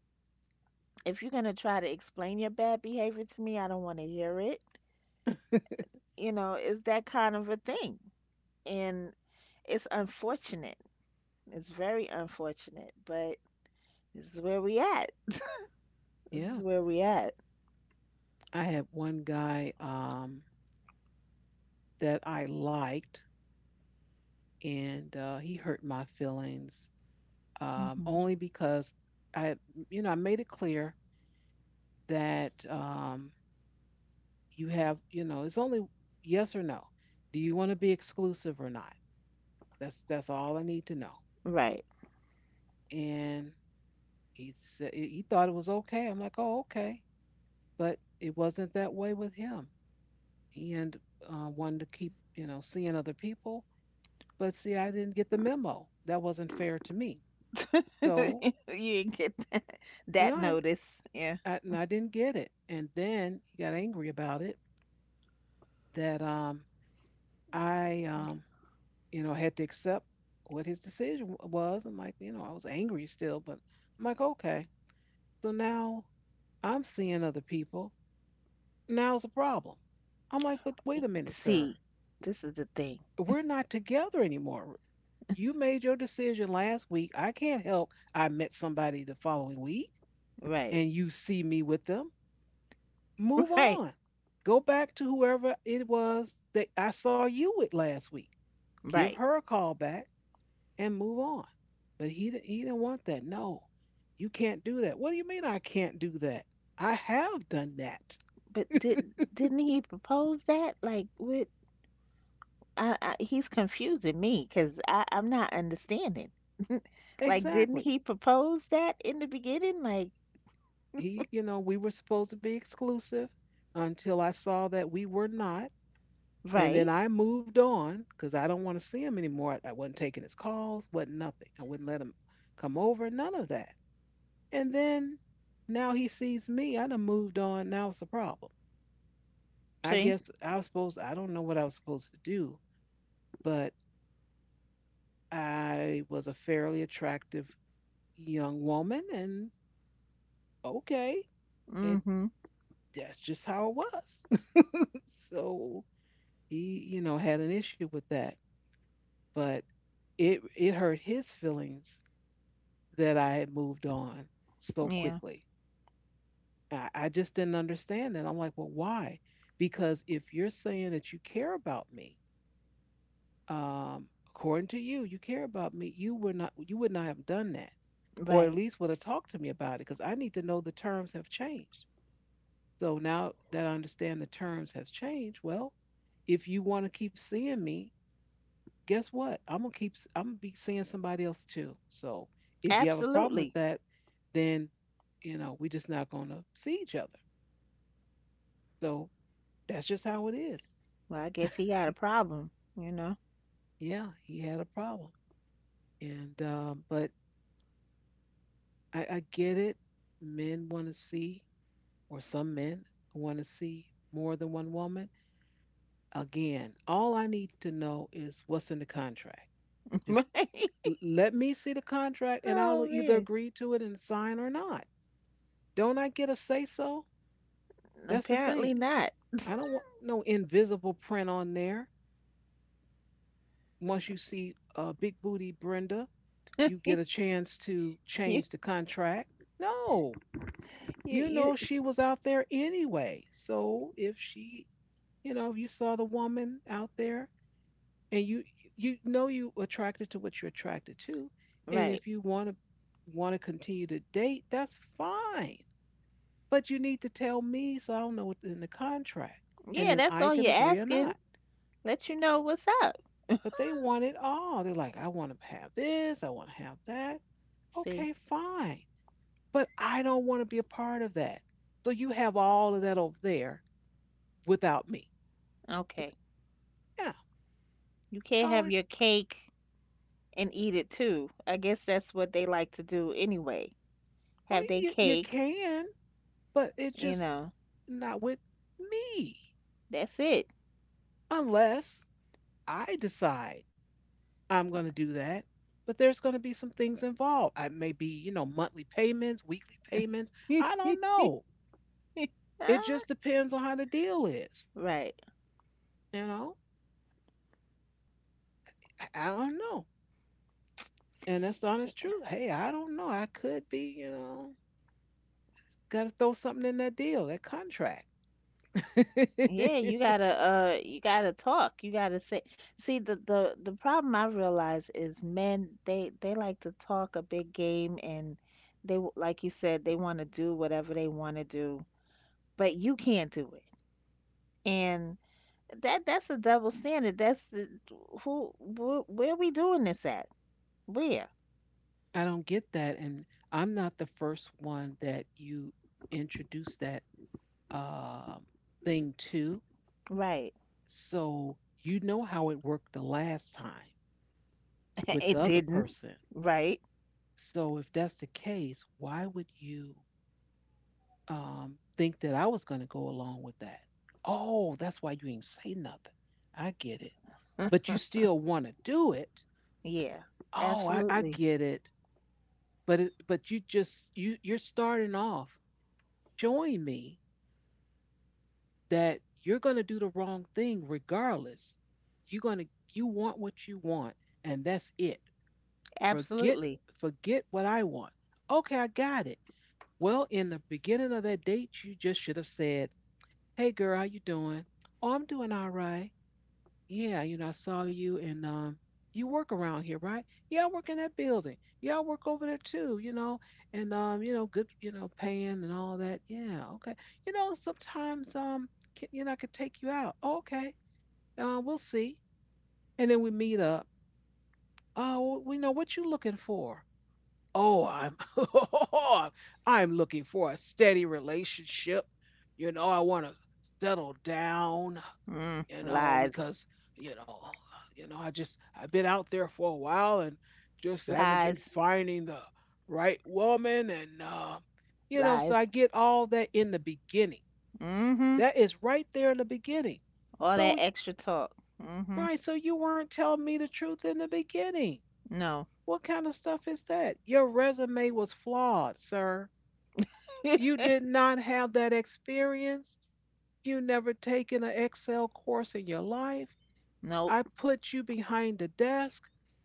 [SPEAKER 2] if you're going to try to explain your bad behavior to me, I don't want to hear it. You know, it's that kind of a thing. And it's unfortunate. It's very unfortunate, but this is where we at. This
[SPEAKER 1] (laughs) Yeah.
[SPEAKER 2] is where we at.
[SPEAKER 1] I had one guy, that I liked, and he hurt my feelings,
[SPEAKER 2] Hmm.
[SPEAKER 1] only because I, you know, I made it clear that you have, you know, it's only yes or no. Do you want to be exclusive or not? That's all I need to know.
[SPEAKER 2] Right.
[SPEAKER 1] And he said he thought it was okay. I'm like, oh, okay, but it wasn't that way with him. He and wanted to keep, you know, seeing other people. But see, I didn't get the memo. That wasn't fair to me.
[SPEAKER 2] (laughs)
[SPEAKER 1] So,
[SPEAKER 2] You didn't get that,
[SPEAKER 1] and
[SPEAKER 2] that
[SPEAKER 1] I,
[SPEAKER 2] notice. Yeah.
[SPEAKER 1] I and I didn't get it. And then he got angry about it that I you know had to accept what his decision was. I'm like, you know, I was angry still, but I'm like, okay. So now I'm seeing other people. Now it's a problem. I'm like, but wait a minute, sir.
[SPEAKER 2] See, this is the thing.
[SPEAKER 1] We're not together anymore. You made your decision last week. I can't help. I met somebody the following week,
[SPEAKER 2] Right.
[SPEAKER 1] and you see me with them, move
[SPEAKER 2] Right.
[SPEAKER 1] on. Go back to whoever it was that I saw you with last week. Give
[SPEAKER 2] Right.
[SPEAKER 1] her a call back and move on. But he didn't want that. No, you can't do that. What do you mean I can't do that? I have done that.
[SPEAKER 2] But did didn't he propose that? Like, what? I he's confusing me because I'm not understanding. Like, didn't
[SPEAKER 1] Exactly.
[SPEAKER 2] he propose that in the beginning? Like,
[SPEAKER 1] He, you know, we were supposed to be exclusive until I saw that we were not. And then
[SPEAKER 2] right.
[SPEAKER 1] I moved on because I don't want to see him anymore. I wasn't taking his calls, wasn't nothing. I wouldn't let him come over, none of that. And then now he sees me. I done moved on. Now it's a problem. I
[SPEAKER 2] See.
[SPEAKER 1] guess I was supposed. I don't know what I was supposed to do, but I was a fairly attractive young woman, and okay, and
[SPEAKER 2] Mm-hmm.
[SPEAKER 1] that's just how it was. (laughs) So he, you know, had an issue with that, but it hurt his feelings that I had moved on so
[SPEAKER 2] Yeah.
[SPEAKER 1] quickly. I just didn't understand that. I'm like, well, why? Because if you're saying that you care about me, um, according to you, you care about me. You were not. You would not have done that, or at
[SPEAKER 2] Right.
[SPEAKER 1] least would have talked to me about it, because I need to know the terms have changed. So now that I understand the terms has changed, well, if you want to keep seeing me, guess what? I'm gonna keep. I'm gonna be seeing somebody else too. So if you have a problem with
[SPEAKER 2] Absolutely.
[SPEAKER 1] that, then you know we're just not gonna see each other. So that's just how it is.
[SPEAKER 2] Well, I guess he got a problem, you know. (laughs)
[SPEAKER 1] Yeah, he had a problem, and but I get it. Men want to see, or some men want to see more than one woman. Again, all I need to know is what's in the contract. Just
[SPEAKER 2] Right?
[SPEAKER 1] let me see the contract and I'll
[SPEAKER 2] Oh
[SPEAKER 1] either
[SPEAKER 2] man,
[SPEAKER 1] agree to it and sign or not. Don't I get a say so? That's the thing.
[SPEAKER 2] apparently not. (laughs)
[SPEAKER 1] I don't want no invisible print on there. Once you see Big Booty Brenda, you get a chance to
[SPEAKER 2] You,
[SPEAKER 1] change the contract. No, you
[SPEAKER 2] you.
[SPEAKER 1] know she was out there anyway. So if she, you know, if you saw the woman out there and you know you attracted to what you're attracted to, and
[SPEAKER 2] Right.
[SPEAKER 1] if you want to continue to date, that's fine. But you need to tell me so I will know what's in the contract, and
[SPEAKER 2] Yeah,
[SPEAKER 1] then
[SPEAKER 2] that's
[SPEAKER 1] I
[SPEAKER 2] all
[SPEAKER 1] can
[SPEAKER 2] you're
[SPEAKER 1] agree or
[SPEAKER 2] asking.
[SPEAKER 1] not.
[SPEAKER 2] Let you know what's up.
[SPEAKER 1] But they want it all. They're like, I want to have this, I want to have that.
[SPEAKER 2] See.
[SPEAKER 1] Okay, fine. But I don't want to be a part of that. So you have all of that over there without me. But
[SPEAKER 2] Okay.
[SPEAKER 1] yeah,
[SPEAKER 2] You
[SPEAKER 1] I
[SPEAKER 2] can't have
[SPEAKER 1] always
[SPEAKER 2] your cake and eat it too. I guess that's what they like to do anyway.
[SPEAKER 1] well
[SPEAKER 2] Have they
[SPEAKER 1] you
[SPEAKER 2] cake,
[SPEAKER 1] can, but it's
[SPEAKER 2] you
[SPEAKER 1] just
[SPEAKER 2] know.
[SPEAKER 1] not with me
[SPEAKER 2] That's it.
[SPEAKER 1] unless I decide I'm going to do that. But there's going to be some things involved. I may be, you know, monthly payments, weekly payments. I
[SPEAKER 2] (laughs)
[SPEAKER 1] don't know. It just depends on how the deal is.
[SPEAKER 2] Right.
[SPEAKER 1] You know, I don't know. And that's the honest truth. Hey, I don't know. I could be, you know, got to throw something in that deal, that contract.
[SPEAKER 2] Yeah,
[SPEAKER 1] (laughs)
[SPEAKER 2] you gotta talk. You gotta say see the problem I realize is men they like to talk a big game and they w- like you said they want to do whatever they want to do, but you can't do it. And that's a double standard. That's the, who wh- where we doing this at? Where?
[SPEAKER 1] I don't get that, and I'm not the first one that you introduced that um thing to.
[SPEAKER 2] Right.
[SPEAKER 1] So you know how it worked the last time
[SPEAKER 2] (laughs)
[SPEAKER 1] with the
[SPEAKER 2] It
[SPEAKER 1] other
[SPEAKER 2] didn't.
[SPEAKER 1] person.
[SPEAKER 2] Right.
[SPEAKER 1] So if that's the case, why would you think that I was going to go along with that? Oh, that's why you ain't say nothing. I get it, but you still want to do it.
[SPEAKER 2] Yeah.
[SPEAKER 1] Oh, I
[SPEAKER 2] Absolutely.
[SPEAKER 1] get it, but you just you're starting off. Showing me that you're going to do the wrong thing regardless. You're going to you want what you want and that's it. Forget
[SPEAKER 2] Absolutely.
[SPEAKER 1] Forget what I want. Okay, I got it. Well, in the beginning of that date, you just should have said, "Hey girl, how you doing?" "Oh, I'm doing all right." Yeah, you know, I saw you and you work around here, right? Yeah, I work in that building. Yeah, I work over there too, you know, and you know, good, you know, paying and all that. Yeah, okay. You know, sometimes can, you know, I could take you out. "Oh, okay. We'll see. And then we meet up. Oh, we know what you looking for. Oh, I'm (laughs) I'm looking for a steady relationship. You know, I want to settle down
[SPEAKER 2] Mm,
[SPEAKER 1] you know,
[SPEAKER 2] lies.
[SPEAKER 1] because you know, you know, I just I've been out there for a while and just haven't been
[SPEAKER 2] Lies.
[SPEAKER 1] finding the right woman, and you know, so
[SPEAKER 2] Lies.
[SPEAKER 1] I get all that in the beginning.
[SPEAKER 2] Mm-hmm.
[SPEAKER 1] That is right there in the beginning.
[SPEAKER 2] All
[SPEAKER 1] So
[SPEAKER 2] that extra talk. Mm-hmm.
[SPEAKER 1] right, so you weren't telling me the truth in the beginning.
[SPEAKER 2] No.
[SPEAKER 1] What kind of stuff is that? Your resume was flawed, sir.
[SPEAKER 2] (laughs)
[SPEAKER 1] You did not have that experience. You never taken an Excel course in your life.
[SPEAKER 2] Nope.
[SPEAKER 1] I put you behind the desk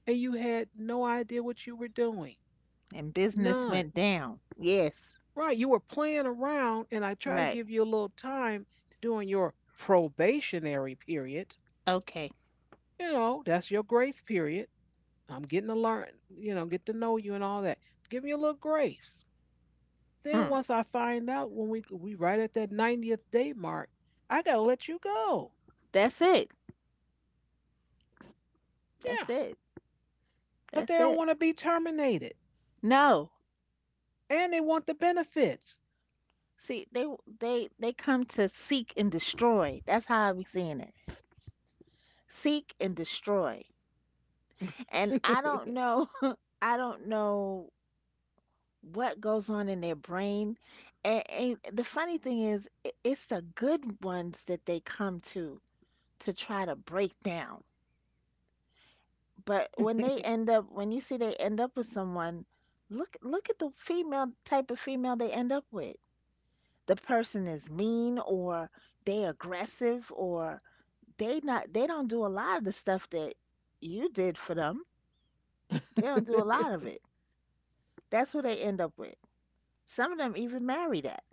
[SPEAKER 1] and you had no idea what you were doing.
[SPEAKER 2] And business
[SPEAKER 1] None.
[SPEAKER 2] went down. Yes.
[SPEAKER 1] Right. You were playing around and I try to
[SPEAKER 2] Right.
[SPEAKER 1] give you a little time during your probationary period.
[SPEAKER 2] Okay.
[SPEAKER 1] You know, that's your grace period. I'm getting to learn, you know, get to know you and all that. Give me a little grace. Then
[SPEAKER 2] Hmm.
[SPEAKER 1] once I find out when we right at that 90th day mark, I gotta let you go.
[SPEAKER 2] That's it.
[SPEAKER 1] Yeah.
[SPEAKER 2] That's it.
[SPEAKER 1] But
[SPEAKER 2] That's
[SPEAKER 1] they don't
[SPEAKER 2] it.
[SPEAKER 1] want to be terminated.
[SPEAKER 2] No.
[SPEAKER 1] And they want the benefits.
[SPEAKER 2] See, they they come to seek and destroy. That's how I be seeing it. Seek and destroy. And I
[SPEAKER 1] (laughs)
[SPEAKER 2] don't know. (laughs) I don't know what goes on in their brain. And the funny thing is, I- it's the good ones that they come to try to break down. But when they end up when you see they end up with someone look look at the female type of female they end up with the person is mean or they aggressive or they not they don't do a lot of the stuff that you did for them they don't do a lot of
[SPEAKER 1] (laughs)
[SPEAKER 2] it that's who they end up with some of them even marry that.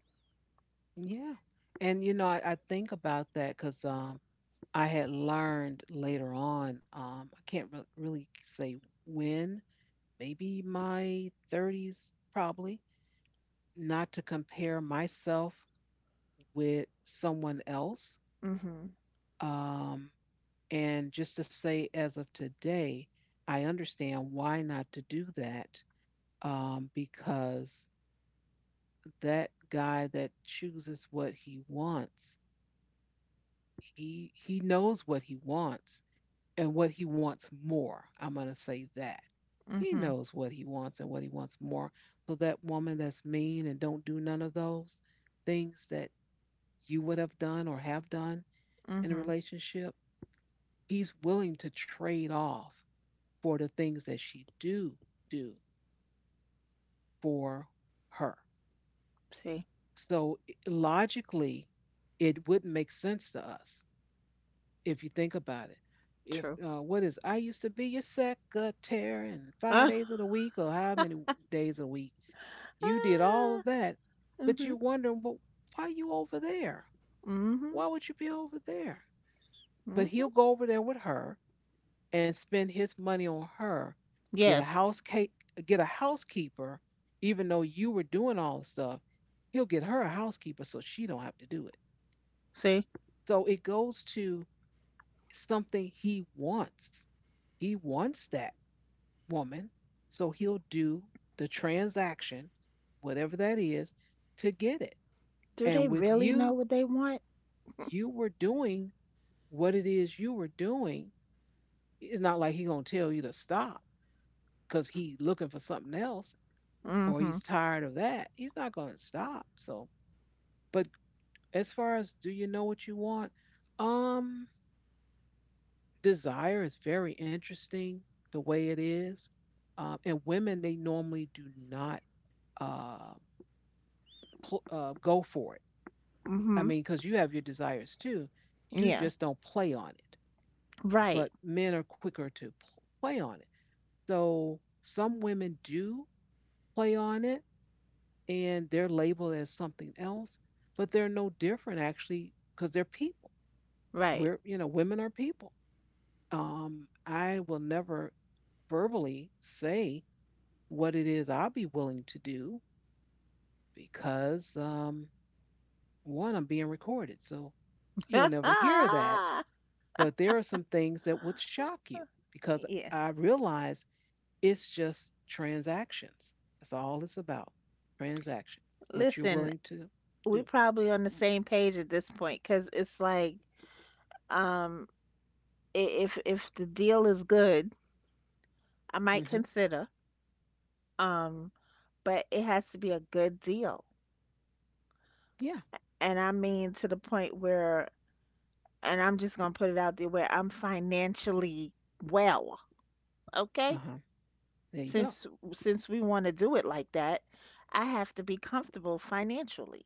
[SPEAKER 1] yeah. And you know, I think about that because I had learned later on. I can't really say when. Maybe my 30s, probably not to compare myself with someone else.
[SPEAKER 2] Mhm.
[SPEAKER 1] Um, and just to say, as of today, I understand why not to do that. Because that guy that chooses what he wants he knows what he wants and what he wants more. I'm going to say that. He
[SPEAKER 2] Mhm.
[SPEAKER 1] knows what he wants and what he wants more. So that woman that's mean and don't do none of those things that you would have done or have done in a
[SPEAKER 2] Mhm.
[SPEAKER 1] relationship, he's willing to trade off for the things that she do do for her.
[SPEAKER 2] See.
[SPEAKER 1] So logically, it wouldn't make sense to us if you think about it. If
[SPEAKER 2] True.
[SPEAKER 1] what is I used to be your secretary and five
[SPEAKER 2] (laughs) Ah,
[SPEAKER 1] days of the week or how many days a week you did all of that, but
[SPEAKER 2] mhm.
[SPEAKER 1] you're wondering, well, why are you over there? Why
[SPEAKER 2] Mhm.
[SPEAKER 1] would you be over there? But he'll
[SPEAKER 2] Mhm.
[SPEAKER 1] go over there with her and spend his money on her, get a
[SPEAKER 2] Yes.
[SPEAKER 1] house ca- get a housekeeper, even though you were doing all the stuff. He'll get her a housekeeper so she don't have to do it.
[SPEAKER 2] See.
[SPEAKER 1] So it goes to something he wants. He wants that woman. So he'll do the transaction, whatever that is, to get it.
[SPEAKER 2] Do
[SPEAKER 1] And
[SPEAKER 2] they
[SPEAKER 1] with
[SPEAKER 2] really know
[SPEAKER 1] you,
[SPEAKER 2] what they want?
[SPEAKER 1] you were doing what it is you were doing. It's not like he's gonna tell you to stop because he's looking for something else or
[SPEAKER 2] Mhm.
[SPEAKER 1] he's tired of that. He's not gonna stop. So, but as far as do you know what you want? Um, Desire is very interesting the way it is. And women, they normally do not uh, go for it. I
[SPEAKER 2] Mm-hmm.
[SPEAKER 1] mean, because you have your desires too. You
[SPEAKER 2] Yeah.
[SPEAKER 1] just don't play on it.
[SPEAKER 2] Right.
[SPEAKER 1] But men are quicker to play on it. So some women do play on it and they're labeled as something else, but they're no different actually because they're people.
[SPEAKER 2] Right.
[SPEAKER 1] We're, you know, women are people. I will never verbally say what it is I'll be willing to do because, one, I'm being recorded. So you'll never
[SPEAKER 2] (laughs)
[SPEAKER 1] hear that but there are some things that would shock you because
[SPEAKER 2] Yeah.
[SPEAKER 1] I realize it's just transactions. That's all it's about. Transaction. What you're
[SPEAKER 2] Listen,
[SPEAKER 1] willing to
[SPEAKER 2] we
[SPEAKER 1] do.
[SPEAKER 2] probably on the same page at this point because it's like, um, I- if the deal is good, I might
[SPEAKER 1] Hmm.
[SPEAKER 2] consider. Um, but it has to be a good deal.
[SPEAKER 1] Yeah.
[SPEAKER 2] And I mean to the point where, and I'm just gonna put it out there where I'm financially well,
[SPEAKER 1] Uh
[SPEAKER 2] okay?
[SPEAKER 1] huh. There you go.
[SPEAKER 2] Since we want to do it like that, I have to be comfortable financially.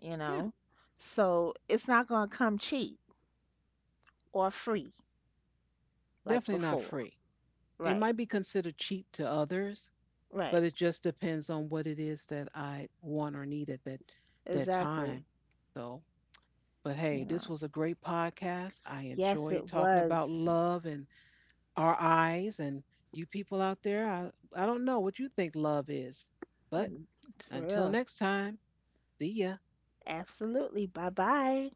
[SPEAKER 2] You
[SPEAKER 1] Yeah.
[SPEAKER 2] know? So it's not going to come cheap or free like
[SPEAKER 1] Definitely not
[SPEAKER 2] before.
[SPEAKER 1] free. It
[SPEAKER 2] Right,
[SPEAKER 1] might be considered cheap to others,
[SPEAKER 2] right,
[SPEAKER 1] but it just depends on what it is that I want or need at that
[SPEAKER 2] exactly.
[SPEAKER 1] time. So, but hey,
[SPEAKER 2] You
[SPEAKER 1] this
[SPEAKER 2] know,
[SPEAKER 1] was a great podcast. I
[SPEAKER 2] yes,
[SPEAKER 1] enjoyed
[SPEAKER 2] it
[SPEAKER 1] talking about
[SPEAKER 2] was.
[SPEAKER 1] love and our eyes and you people out there, I don't know what you think love is. But
[SPEAKER 2] Mm. For
[SPEAKER 1] until
[SPEAKER 2] real.
[SPEAKER 1] next time, see ya.
[SPEAKER 2] Absolutely. Bye bye.